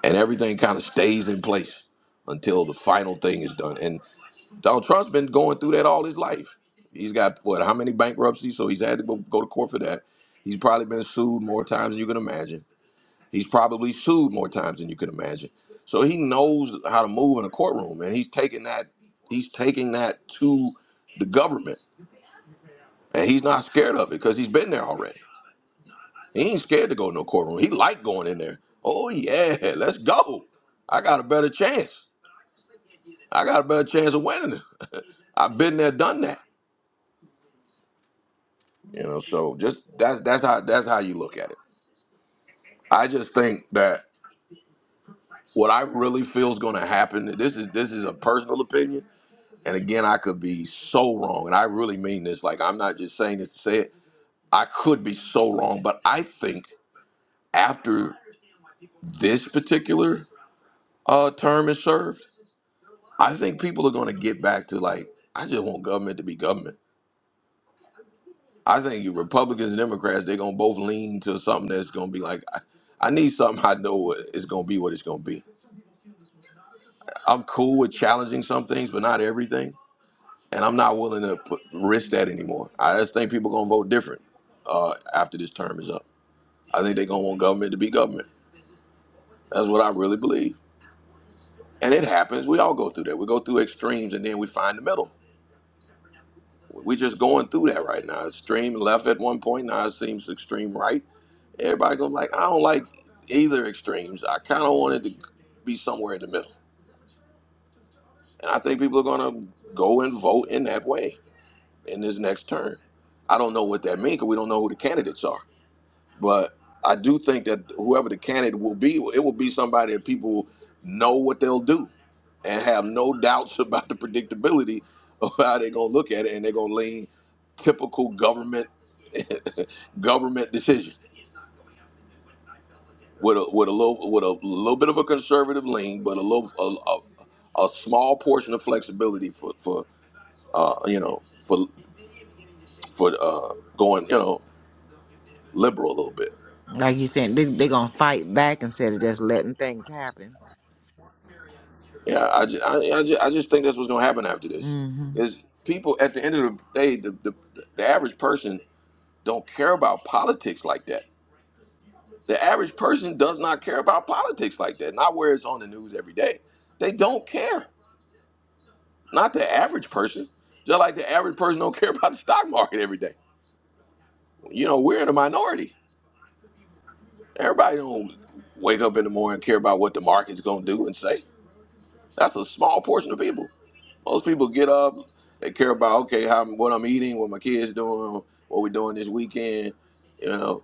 S10: and everything kind of stays in place until the final thing is done. And Donald Trump's been going through that all his life. He's got what? How many bankruptcies? So he's had to go, go to court for that. He's probably been sued more times than you can imagine. He's probably sued more times than you can imagine. So he knows how to move in a courtroom, and he's taking that. He's taking that to the government And he's not scared of it because he's been there already. He ain't scared to go in no courtroom. He like going in there. Oh yeah, let's go. I got a better chance. I got a better chance of winning. I've been there, done that. You know, so just that's that's how that's how you look at it. I just think that what I really feel is going to happen. This is this is a personal opinion, and again, I could be so wrong, and I really mean this. Like I'm not just saying this to say it. I could be so wrong, but I think after this particular uh, term is served, I think people are going to get back to like, I just want government to be government. I think you Republicans and Democrats, they're going to both lean to something that's going to be like, I, I need something I know what- it's going to be what it's going to be. I'm cool with challenging some things, but not everything. And I'm not willing to put, risk that anymore. I just think people going to vote different uh, after this term is up. I think they're going to want government to be government. That's what I really believe. And it happens. We all go through that. We go through extremes and then we find the middle. We're just going through that right now. Extreme left at one point, now it seems extreme right. Everybody going like, I don't like either extremes. I kind of wanted to be somewhere in the middle. And I think people are going to go and vote in that way in this next term. I don't know what that means because we don't know who the candidates are. But I do think that whoever the candidate will be, it will be somebody that people know what they'll do and have no doubts about the predictability of how they're going to look at it, and they're going to lean typical government government decision with a with a little with a little bit of a conservative lean, but a little a, a, a small portion of flexibility for for uh, you know for for uh, going you know liberal a little bit.
S4: Like you said, they're they going to fight back instead of just letting things happen.
S10: Yeah, I just, I, I just, I just think that's what's gonna happen after
S4: Yeah.
S10: this.
S4: hmm
S10: Is people at the end of the day, the, the the average person don't care about politics like that. The average person does not care about politics like that. Not where it's on the news every day. They don't care. Not the average person. Just like the average person don't care about the stock market every day. You know, we're in a minority. Everybody don't wake up in the morning and care about what the market's gonna do and say. That's a small portion of people. Most people get up, they care about okay, how what I'm eating, what my kids doing, what we're doing this weekend. You know,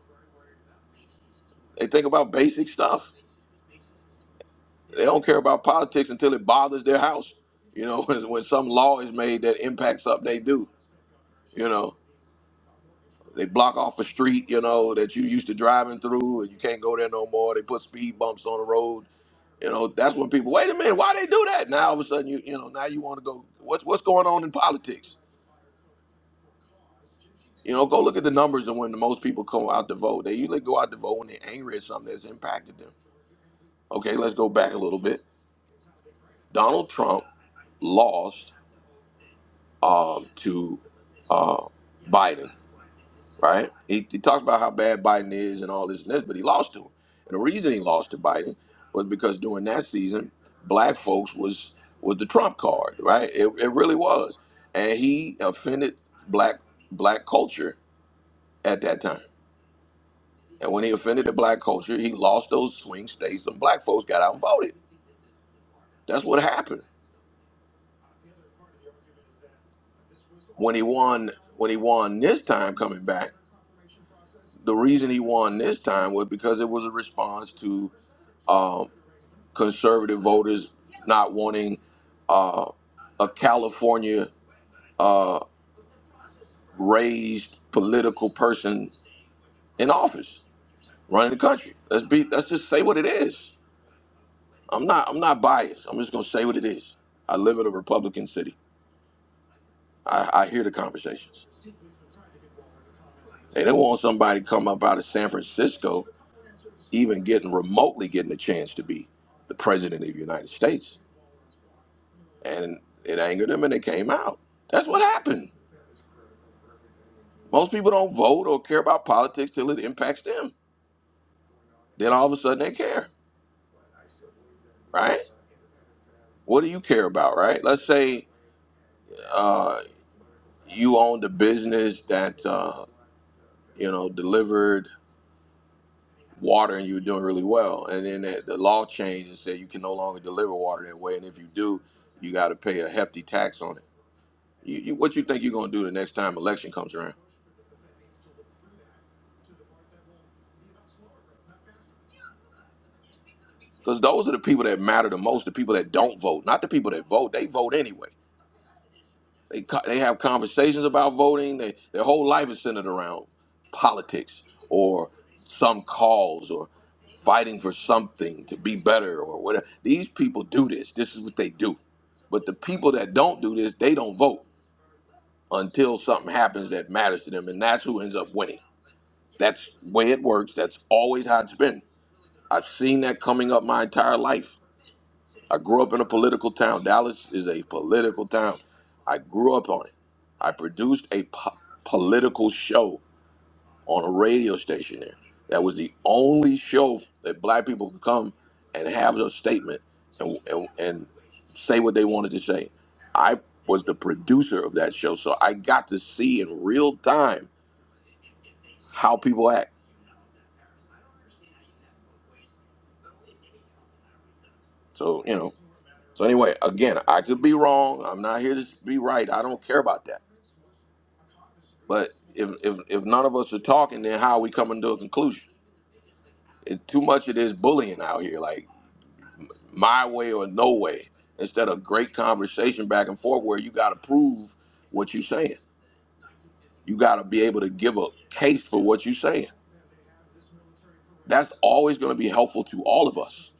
S10: they think about basic stuff. They don't care about politics until it bothers their house. You know, when, when some law is made that impacts something they do. You know, they block off a street. You know that you used to driving through, and you can't go there no more. They put speed bumps on the road. You know, that's when people wait a minute, why they do that? Now all of a sudden you you know now you want to go. What's what's going on in politics? You know, go look at the numbers of when the most people come out to vote. They usually go out to vote when they're angry at something that's impacted them. Okay, let's go back a little bit. Donald Trump lost um, to uh, Biden, right? He, he talks about how bad Biden is and all this and this, but he lost to him. And the reason he lost to Biden was because during that season, black folks was was the Trump card, right? It, it really was, and he offended black black culture at that time. And when he offended the black culture, he lost those swing states, and black folks got out and voted. That's what happened. When he won, when he won this time coming back, the reason he won this time was because it was a response to um, conservative voters not wanting uh, a California uh, raised political person in office running the country. Let's be. Let's just say what it is. I'm not. I'm not biased. I'm just gonna say what it is. I live in a Republican city. I, I hear the conversations. Hey, They don't want somebody come up out of San Francisco, even getting remotely getting a chance to be the president of the United States. And it angered them and they came out. That's what happened. Most people don't vote or care about politics till it impacts them. Then all of a sudden they care, right? What do you care about, right? Let's say uh, you owned a business that uh, you know delivered. water and you were doing really well. And then the, the law changed and said you can no longer deliver water that way. And if you do, you got to pay a hefty tax on it. You, you, what you think you're going to do the next time election comes around? Because those are the people that matter the most, the people that don't vote, not the people that vote. They vote anyway. They co- they have conversations about voting. They, their whole life is centered around politics or some cause or fighting for something to be better or whatever. These people do this. This is what they do. But the people that don't do this, they don't vote until something happens that matters to them, and that's who ends up winning. That's the way it works. That's always how it's been. I've seen that coming up my entire life I grew up in a political town. Dallas is a political town. I grew up on it. I produced a po- political show on a radio station there. That was the only show that black people could come and have a statement and, and, and say what they wanted to say. I was the producer of that show, so I got to see in real time how people act. So, you know, so anyway, again, I could be wrong. I'm not here to be right. I don't care about that. But if if if none of us are talking, then how are we coming to a conclusion? It, too much of this bullying out here, like my way or no way, instead of great conversation back and forth where you got to prove what you're saying. You got to be able to give a case for what you're saying. That's always going to be helpful to all of us.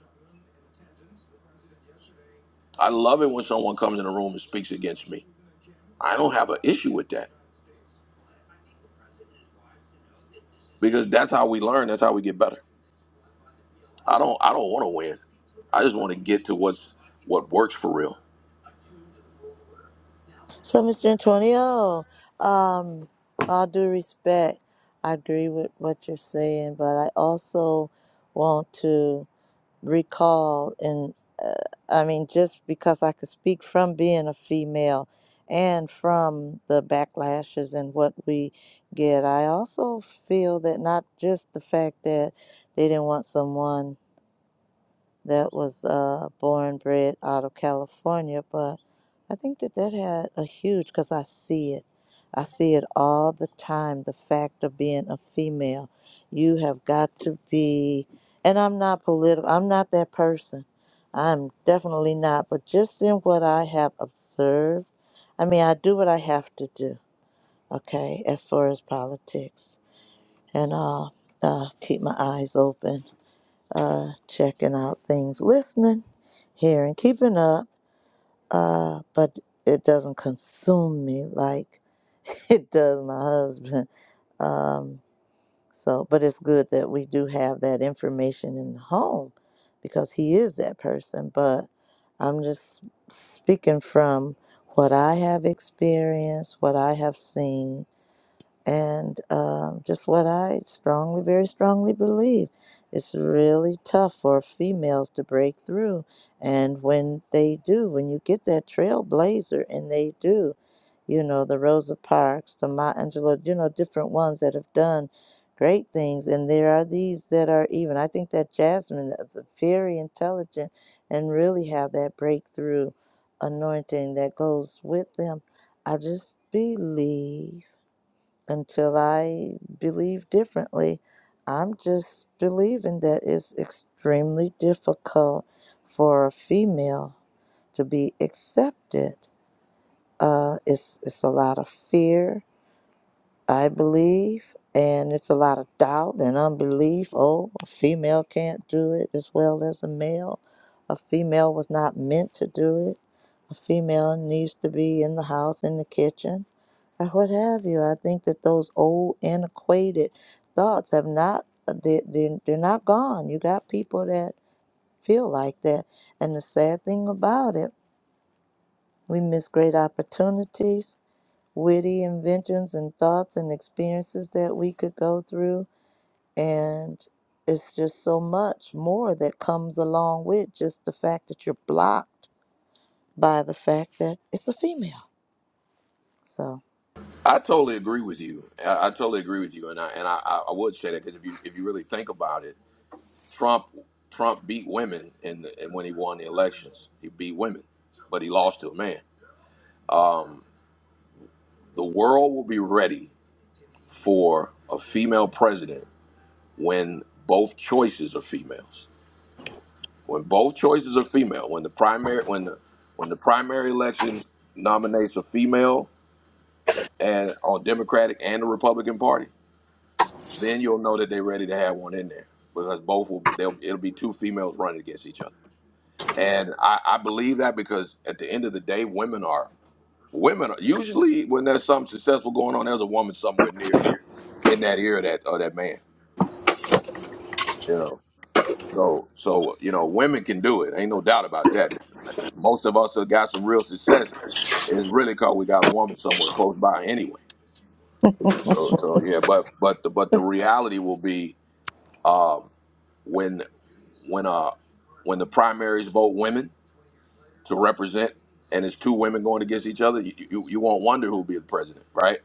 S10: I love it when someone comes in the room and speaks against me. I don't have an issue with that because that's how we learn. That's how we get better. I don't I don't want to win. I just want to get to what's what works for real.
S2: So, Mr. Antonio, um, all due respect, I agree with what you're saying, but I also want to recall, and uh, I mean, just because I could speak from being a female and from the backlashes and what we get, I also feel that not just the fact that they didn't want someone that was uh, born, bred out of California, but I think that that had a huge, because I see it. I see it all the time. The fact of being a female, you have got to be, and I'm not political, I'm not that person. I'm definitely not. But just in what I have observed, I mean, I do what I have to do, okay, as far as politics, and uh, uh, keep my eyes open, uh, checking out things, listening, hearing, keeping up uh, but it doesn't consume me like it does my husband. Um, so, but it's good that we do have that information in the home because he is that person. But I'm just speaking from what I have experienced, what I have seen, and um, just what I strongly, very strongly believe. It's really tough for females to break through, and when they do, when you get that trailblazer, and they do, you know, the Rosa Parks, the Maya Angelou, you know, different ones that have done great things, and there are these that are even. I think that Jasmine is very intelligent and really have that breakthrough anointing that goes with them. I just believe until I believe differently. I'm just believing that it's extremely difficult for a female to be accepted. Uh, it's it's a lot of fear, I believe, and it's a lot of doubt and unbelief. Oh, a female can't do it as well as a male. A female was not meant to do it. A female needs to be in the house, in the kitchen or what have you. I think that those old antiquated thoughts have not uh, they they're, they're not gone. You got people that feel like that, and the sad thing about it, we miss great opportunities, witty inventions and thoughts and experiences that we could go through, and it's just so much more that comes along with just the fact that you're blocked by the fact that it's a female. So.
S10: I totally agree with you. I, I totally agree with you, and I and I, I I would say that because if you if you really think about it, Trump Trump beat women in the, and when he won the elections, he beat women, but he lost to a man. Um, the world will be ready for a female president when both choices are females. When both choices are female, when the primary when the when the primary elections nominates a female and on Democratic and the Republican Party, Then you'll know that they're ready to have one in there because both will be. They'll, it'll be two females running against each other, and I, I believe that because at the end of the day, women are women. Are, usually, when there's something successful going on, there's a woman somewhere near in that ear of that of that man. You know, so so you know, women can do it. Ain't no doubt about that. Most of us have got some real success. is really because we got a woman somewhere close by anyway. So so yeah, but but the but the reality will be um, when when uh when the primaries vote women to represent and it's two women going against each other you, you, you won't wonder who'll be the president right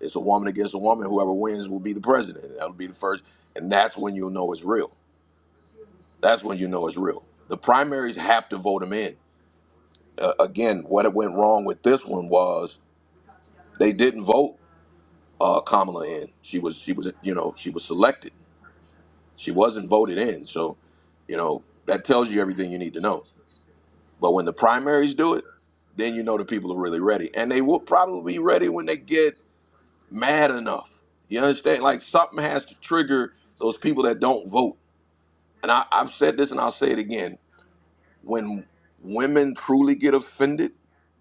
S10: it's a woman against a woman whoever wins will be the president that'll be the first and that's when you'll know it's real that's when you know it's real the primaries have to vote them in uh, again what it went wrong with this one was they didn't vote uh, kamala in she was she was you know she was selected she wasn't voted in so you know that tells you everything you need to know But when the primaries do it, then you know the people are really ready. And they will probably be ready when they get mad enough. You understand? Like something has to trigger those people that don't vote. And I, I've said this and I'll say it again. When women truly get offended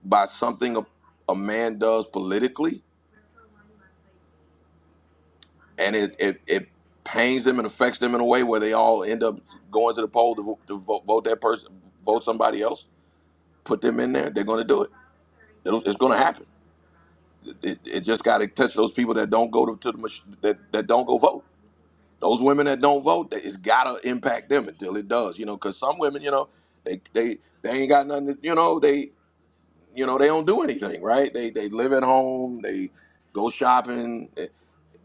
S10: by something a, a man does politically and it, it, it pains them and affects them in a way where they all end up going to the poll to, vo- to vote, vote that person, vote somebody else, put them in there, they're going to do it. It'll, it's going to happen It, it just got to touch those people that don't go to, to the mach- that, that don't go vote. Those women that don't vote, that it's got to impact them until it does. You know, because some women, you know, they they they ain't got nothing. To, you know, they you know they don't do anything, right? They they live at home. They go shopping,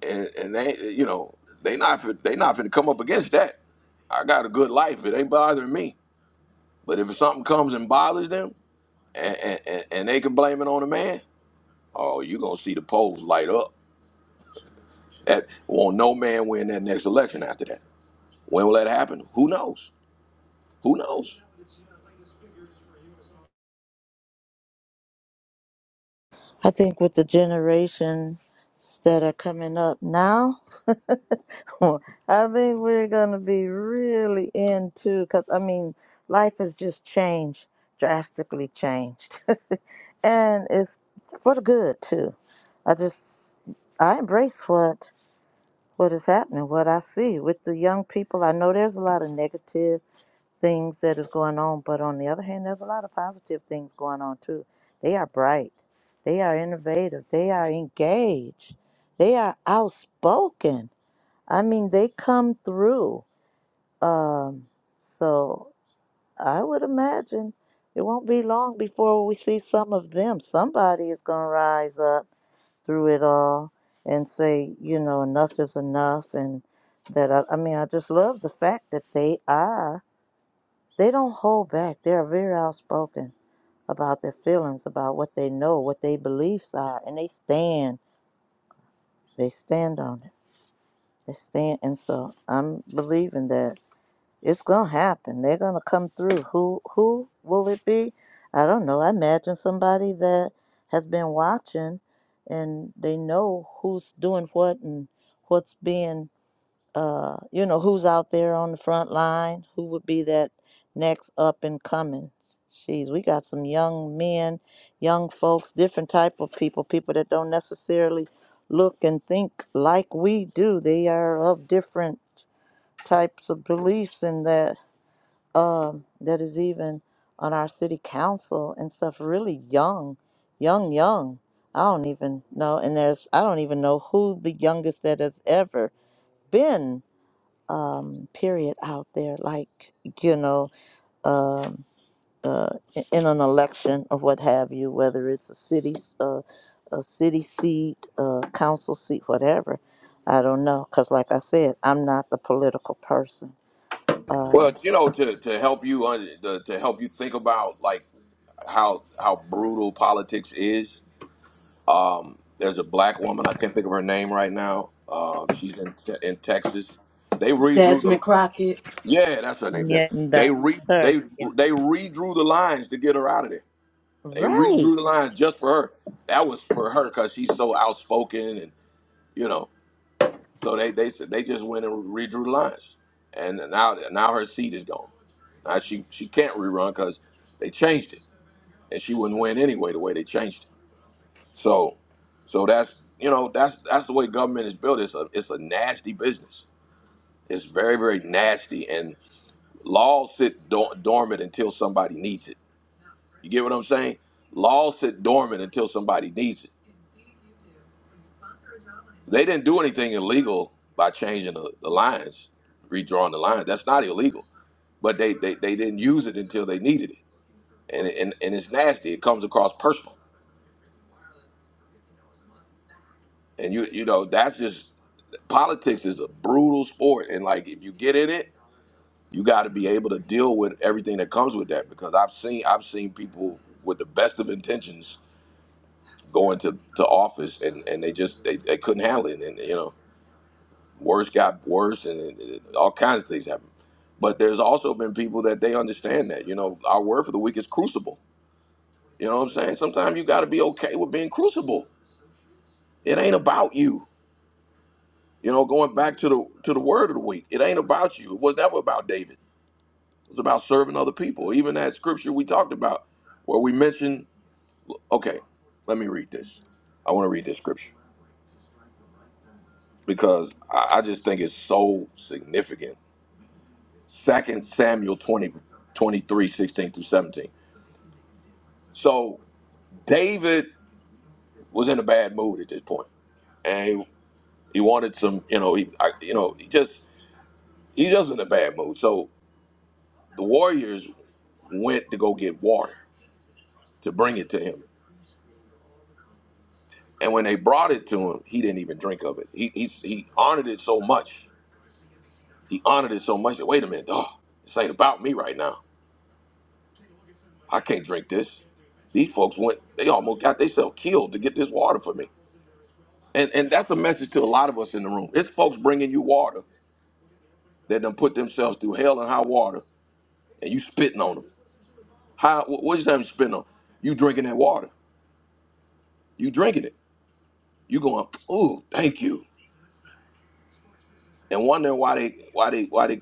S10: and, and they you know they not fin- they not finna come up against that. I got a good life. It ain't bothering me. But if something comes and bothers them, and, and, and and they can blame it on a man, oh, you gonna see the polls light up That won't no man win that next election after that. When will that happen? Who knows? Who knows?
S2: I think with the generations that are coming up now, I think we're going to be really into, because I mean, life has just changed, drastically changed. and it's for the good, too. I just, I embrace what what is happening, what I see with the young people. I know there's a lot of negative things that is going on. But on the other hand, there's a lot of positive things going on too. They are bright. They are innovative. They are engaged. They are outspoken. I mean, they come through. Um, so I would imagine it won't be long before we see some of them. Somebody is going to rise up through it all and say, you know, enough is enough. And that, I, I mean, I just love the fact that they are they don't hold back. They're very outspoken about their feelings, about what they know, what their beliefs are, and they stand. They stand on it. They stand, and so I'm believing that it's gonna happen. They're gonna come through. Who who will it be? I don't know. I imagine somebody that has been watching, and they know who's doing what and what's being uh, you know, who's out there on the front line, who would be that next up and coming. Jeez, we got some young men, young folks, different type of people, people that don't necessarily look and think like we do. They are of different types of beliefs and that um that is even on our city council and stuff really young, young, young. I don't even know and there's I don't even know who the youngest that has ever been um, period out there, like, you know, um, uh, i- in an election or what have you, whether it's a city, s- uh, a city seat, a council seat, whatever. I don't know, because like I said, I'm not the political person.
S10: Well,
S2: Um
S10: you know, to, to help you un- to, to help you think about like how how brutal politics is. Um, there's a black woman I can't think of her name right now. Uh, she's in te- in Texas. They redrew the
S3: Desmond Crockett.
S10: yeah, that's her name. yeah.
S2: yeah,
S10: They
S2: that's
S10: re
S2: her.
S10: they
S2: Yeah.
S10: they redrew the lines to get her out of there. They
S2: Right.
S10: redrew the lines just for her. That was for her because she's so outspoken and you know So they they they just went and redrew lines, and now now her seat is gone. Now she she can't rerun because they changed it, and she wouldn't win anyway the way they changed it. So so that's you know that's that's the way government is built. It's a it's a nasty business. It's very very nasty, and laws sit dor- dormant until somebody needs it. You get what I'm saying? Laws sit dormant until somebody needs it. They didn't do anything illegal by changing the, the lines, redrawing the lines. That's not illegal. But they, they, they didn't use it until they needed it. And, and and it's nasty. It comes across personal. And you you know, that's just politics is a brutal sport and like if you get in it you got to be able to deal with everything that comes with that because i've seen i've seen people with the best of intentions go into to office and and they just they, they couldn't handle it and you know Worse got worse, and, and- and all kinds of things happen. But there's also been people that they understand that. You know, our word for the week is crucible. You know what I'm saying? Sometimes you got to be okay with being crucible. It ain't about you. You know, going back to the to the word of the week, it ain't about you. It was never about David. It's about serving other people. Even that scripture we talked about, where we mentioned, okay, let me read this. I want to read this scripture because I, I just think it's so significant Second Samuel 20 23 16 through 17. So David was in a bad mood at this point, and he, he wanted some, you know, he, I, you know, he just he just in a bad mood. So the warriors went to go get water to bring it to him, and when they brought it to him, he didn't even drink of it. He he, he honored it so much. He honored it so much. That, Wait a minute, oh, this ain't about me right now. I can't drink this. These folks went. They almost got themselves killed to get this water for me. And and that's a message to a lot of us in the room. It's folks bringing you water that done put themselves through hell and high water, and you spitting on them. How? wh- What you saying? You spitting on? You drinking that water? You drinking it? You going? Ooh, thank you. And wondering why they why they why they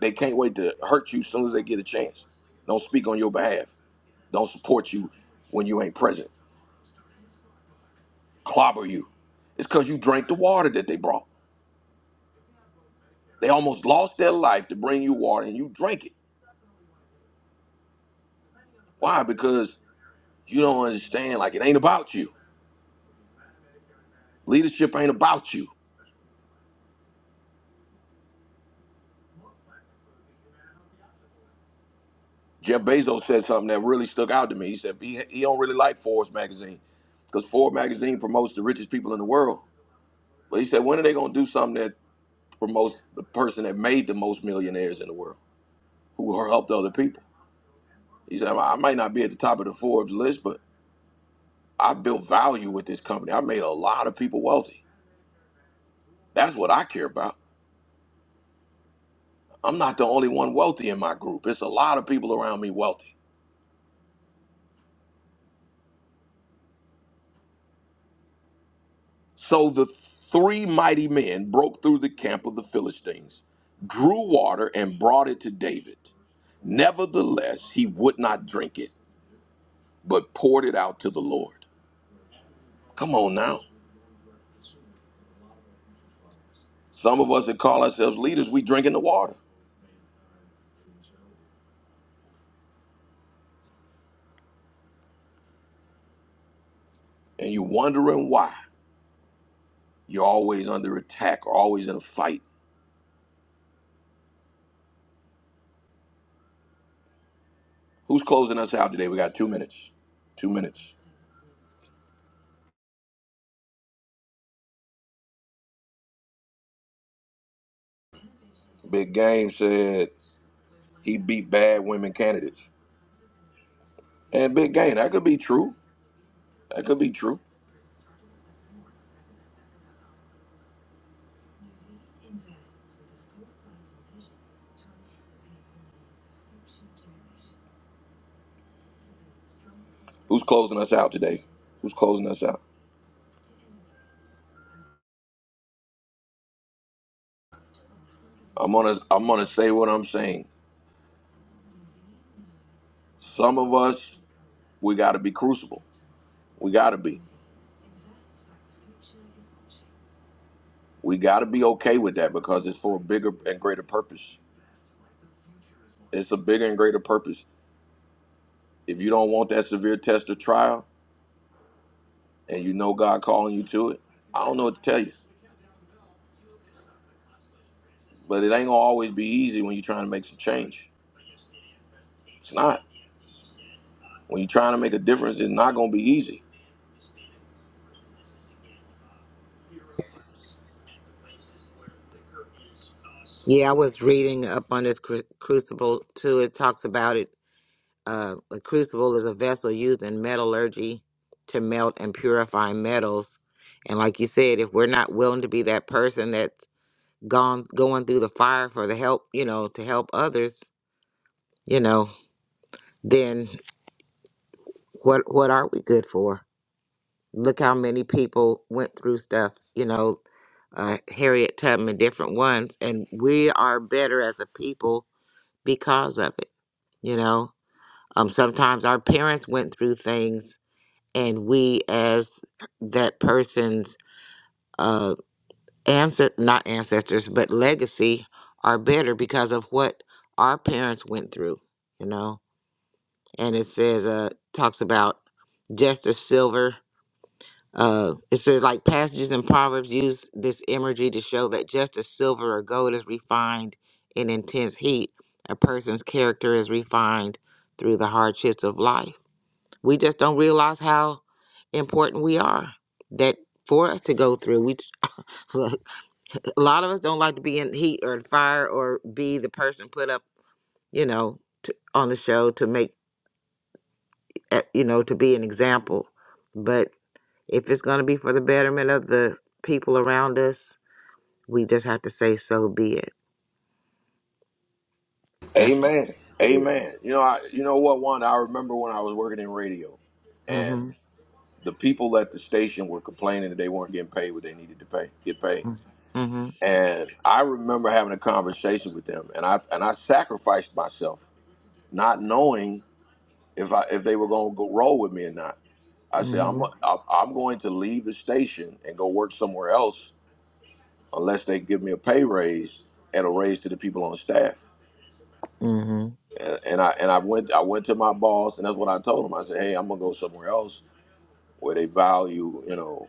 S10: they can't wait to hurt you as soon as they get a chance. Don't speak on your behalf. Don't support you when you ain't present. Clobber you. It's because you drank the water that they brought. They almost lost their life to bring you water, and you drank it. Why? Because You don't understand. Like, it ain't about you. Leadership ain't about you. Jeff Bezos said something that really stuck out to me. He said he, he don't really like Forbes magazine because Forbes magazine promotes the richest people in the world. But he said, when are they going to do something that promotes the person that made the most millionaires in the world, who helped other people? He said, I might not be at the top of the Forbes list, but I built value with this company. I made a lot of people wealthy. That's what I care about. I'm not the only one wealthy in my group. It's a lot of people around me wealthy. So the three mighty men broke through the camp of the Philistines, drew water, and brought it to David. Nevertheless, he would not drink it, but poured it out to the Lord. Come on now. Some of us that call ourselves leaders, we drinking the water. And you are wondering why. You're always under attack or always in a fight. Who's closing us out today? We got two minutes. Two minutes. Big Game said he beat bad women candidates. And big gain. That could be true. That could be true. Who's closing us out today? Who's closing us out? I'm gonna I'm gonna say what I'm saying. Some of us we gotta be crucible. We gotta be. We gotta be okay with that because it's for a bigger and greater purpose. It's a bigger and greater purpose. If you don't want that severe test or trial and you know God calling you to it, I don't know what to tell you. But it ain't gonna always be easy when you're trying to make some change. It's not. When you're trying to make a difference, it's not going to be easy.
S4: Yeah, I was reading up on this cru- crucible too. It talks about it. Uh, a crucible is a vessel used in metallurgy to melt and purify metals. And like you said, if we're not willing to be that person that's gone going through the fire for the help, you know, to help others, you know, then what what are we good for? Look how many people went through stuff, you know, uh, Harriet Tubman, different ones, and we are better as a people because of it. You know, um, sometimes our parents went through things and we as that person's uh ancest not ancestors but legacy are better because of what our parents went through you know and it says uh talks about justice silver uh it says like passages in proverbs use this imagery to show that just as silver or gold is refined in intense heat a person's character is refined through the hardships of life we just don't realize how important we are. That for us to go through, we look, a lot of us don't like to be in heat or fire or be the person put up, you know, to, on the show to make, eh, you know, to be an example. But if it's going to be for the betterment of the people around us, we just have to say, so be it. That's
S10: Amen.
S4: what it is.
S10: Amen. You know, I, you know what, Wanda? I remember when I was working in radio, and
S4: Mm-hmm.
S10: the people at the station were complaining that they weren't getting paid what they needed to pay, get paid.
S4: Mm-hmm.
S10: And I remember having a conversation with them, and I and I sacrificed myself, not knowing if I if they were going to go roll with me or not. I said
S4: Mm-hmm.
S10: I'm I'm I'm going to leave the station and go work somewhere else unless they give me a pay raise and a raise to the people on staff
S4: Mm-hmm.
S10: and, and I and I went I went to my boss, and that's what I told him. I said, "Hey, I'm gonna go somewhere else where they value, you know,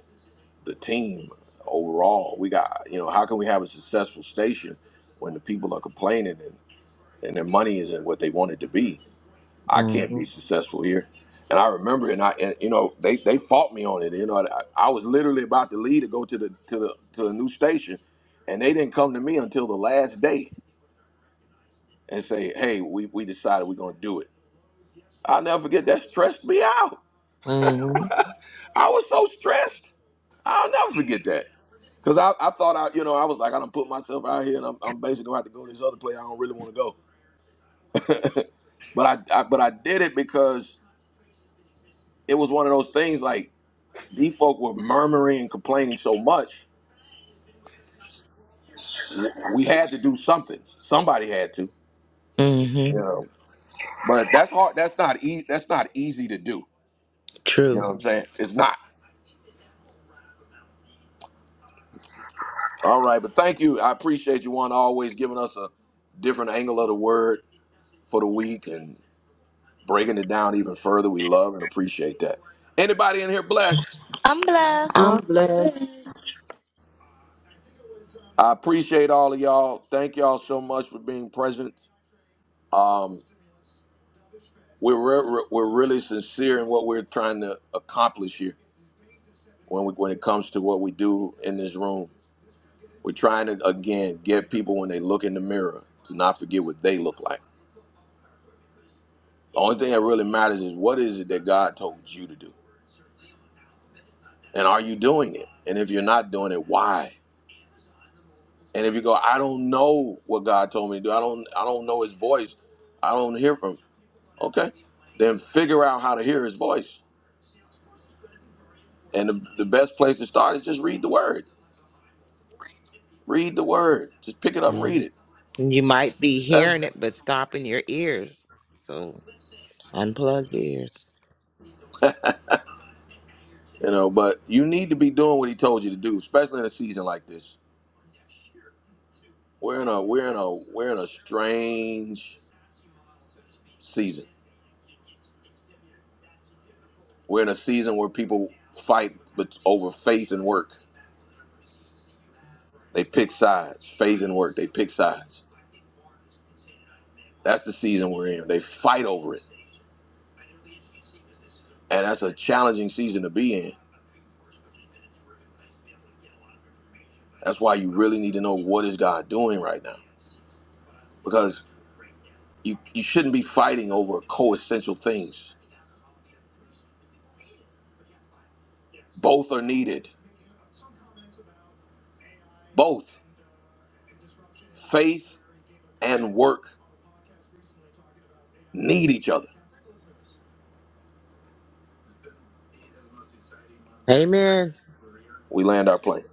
S10: the team overall. We got, you know, how can we have a successful station when the people are complaining and and their money isn't what they want it to be? I can't be successful here." And I remember, and I and you know, they they fought me on it. You know, I, I was literally about to leave to go to the to the to the new station, and they didn't come to me until the last day and say, "Hey, we we decided we're gonna do it." I'll never forget that stressed me out.
S4: Mm-hmm.
S10: I was so stressed. I'll never forget that. Cause I, I thought I, you know, I was like, I done put myself out here and I'm, I'm basically gonna have to go to this other place. I don't really want to go. But I, I, but I did it because it was one of those things like these folk were murmuring and complaining so much. w- We had to do something. Somebody had to,
S4: Mm-hmm.
S10: you know, but that's hard. That's not easy. That's not easy to do. You know
S4: True.
S10: what I'm saying? It's not. All right. But thank you. I appreciate you one always giving us a different angle of the word for the week and breaking it down even further. We love and appreciate that. Anybody in here blessed?
S2: I'm blessed.
S3: I'm
S4: All
S3: blessed.
S4: right.
S10: I appreciate all of y'all. Thank y'all so much for being present. Um, we're re- re- we're really sincere in what we're trying to accomplish here when we, when it comes to what we do in this room. We're trying to again get people when they look in the mirror to not forget what they look like. The only thing that really matters is what is it that God told you to do, and are you doing it? And if you're not doing it, why? And if you go, I don't know what God told me to do. I don't I don't know his voice. I don't hear from him. Okay. Then figure out how to hear his voice. And the, the best place to start is just read the word. Read the word. Just pick it up and
S4: Yeah.
S10: read it.
S4: And you might be
S10: That's
S4: hearing it, but stopping your ears. So unplug your ears.
S10: you know, but you need to be doing what he told you to do, especially in a season like this. We're in a we're in a we're in a strange season. We're in a season where people fight but over faith and work. They pick sides. Faith and work. They pick sides That's the season we're in. They fight over it. And that's a challenging season to be in. That's why you really need to know what is God doing right now. Because you, you shouldn't be fighting over coessential things. Both are needed. Both. Faith and work need each other.
S4: Amen.
S10: We land our plane.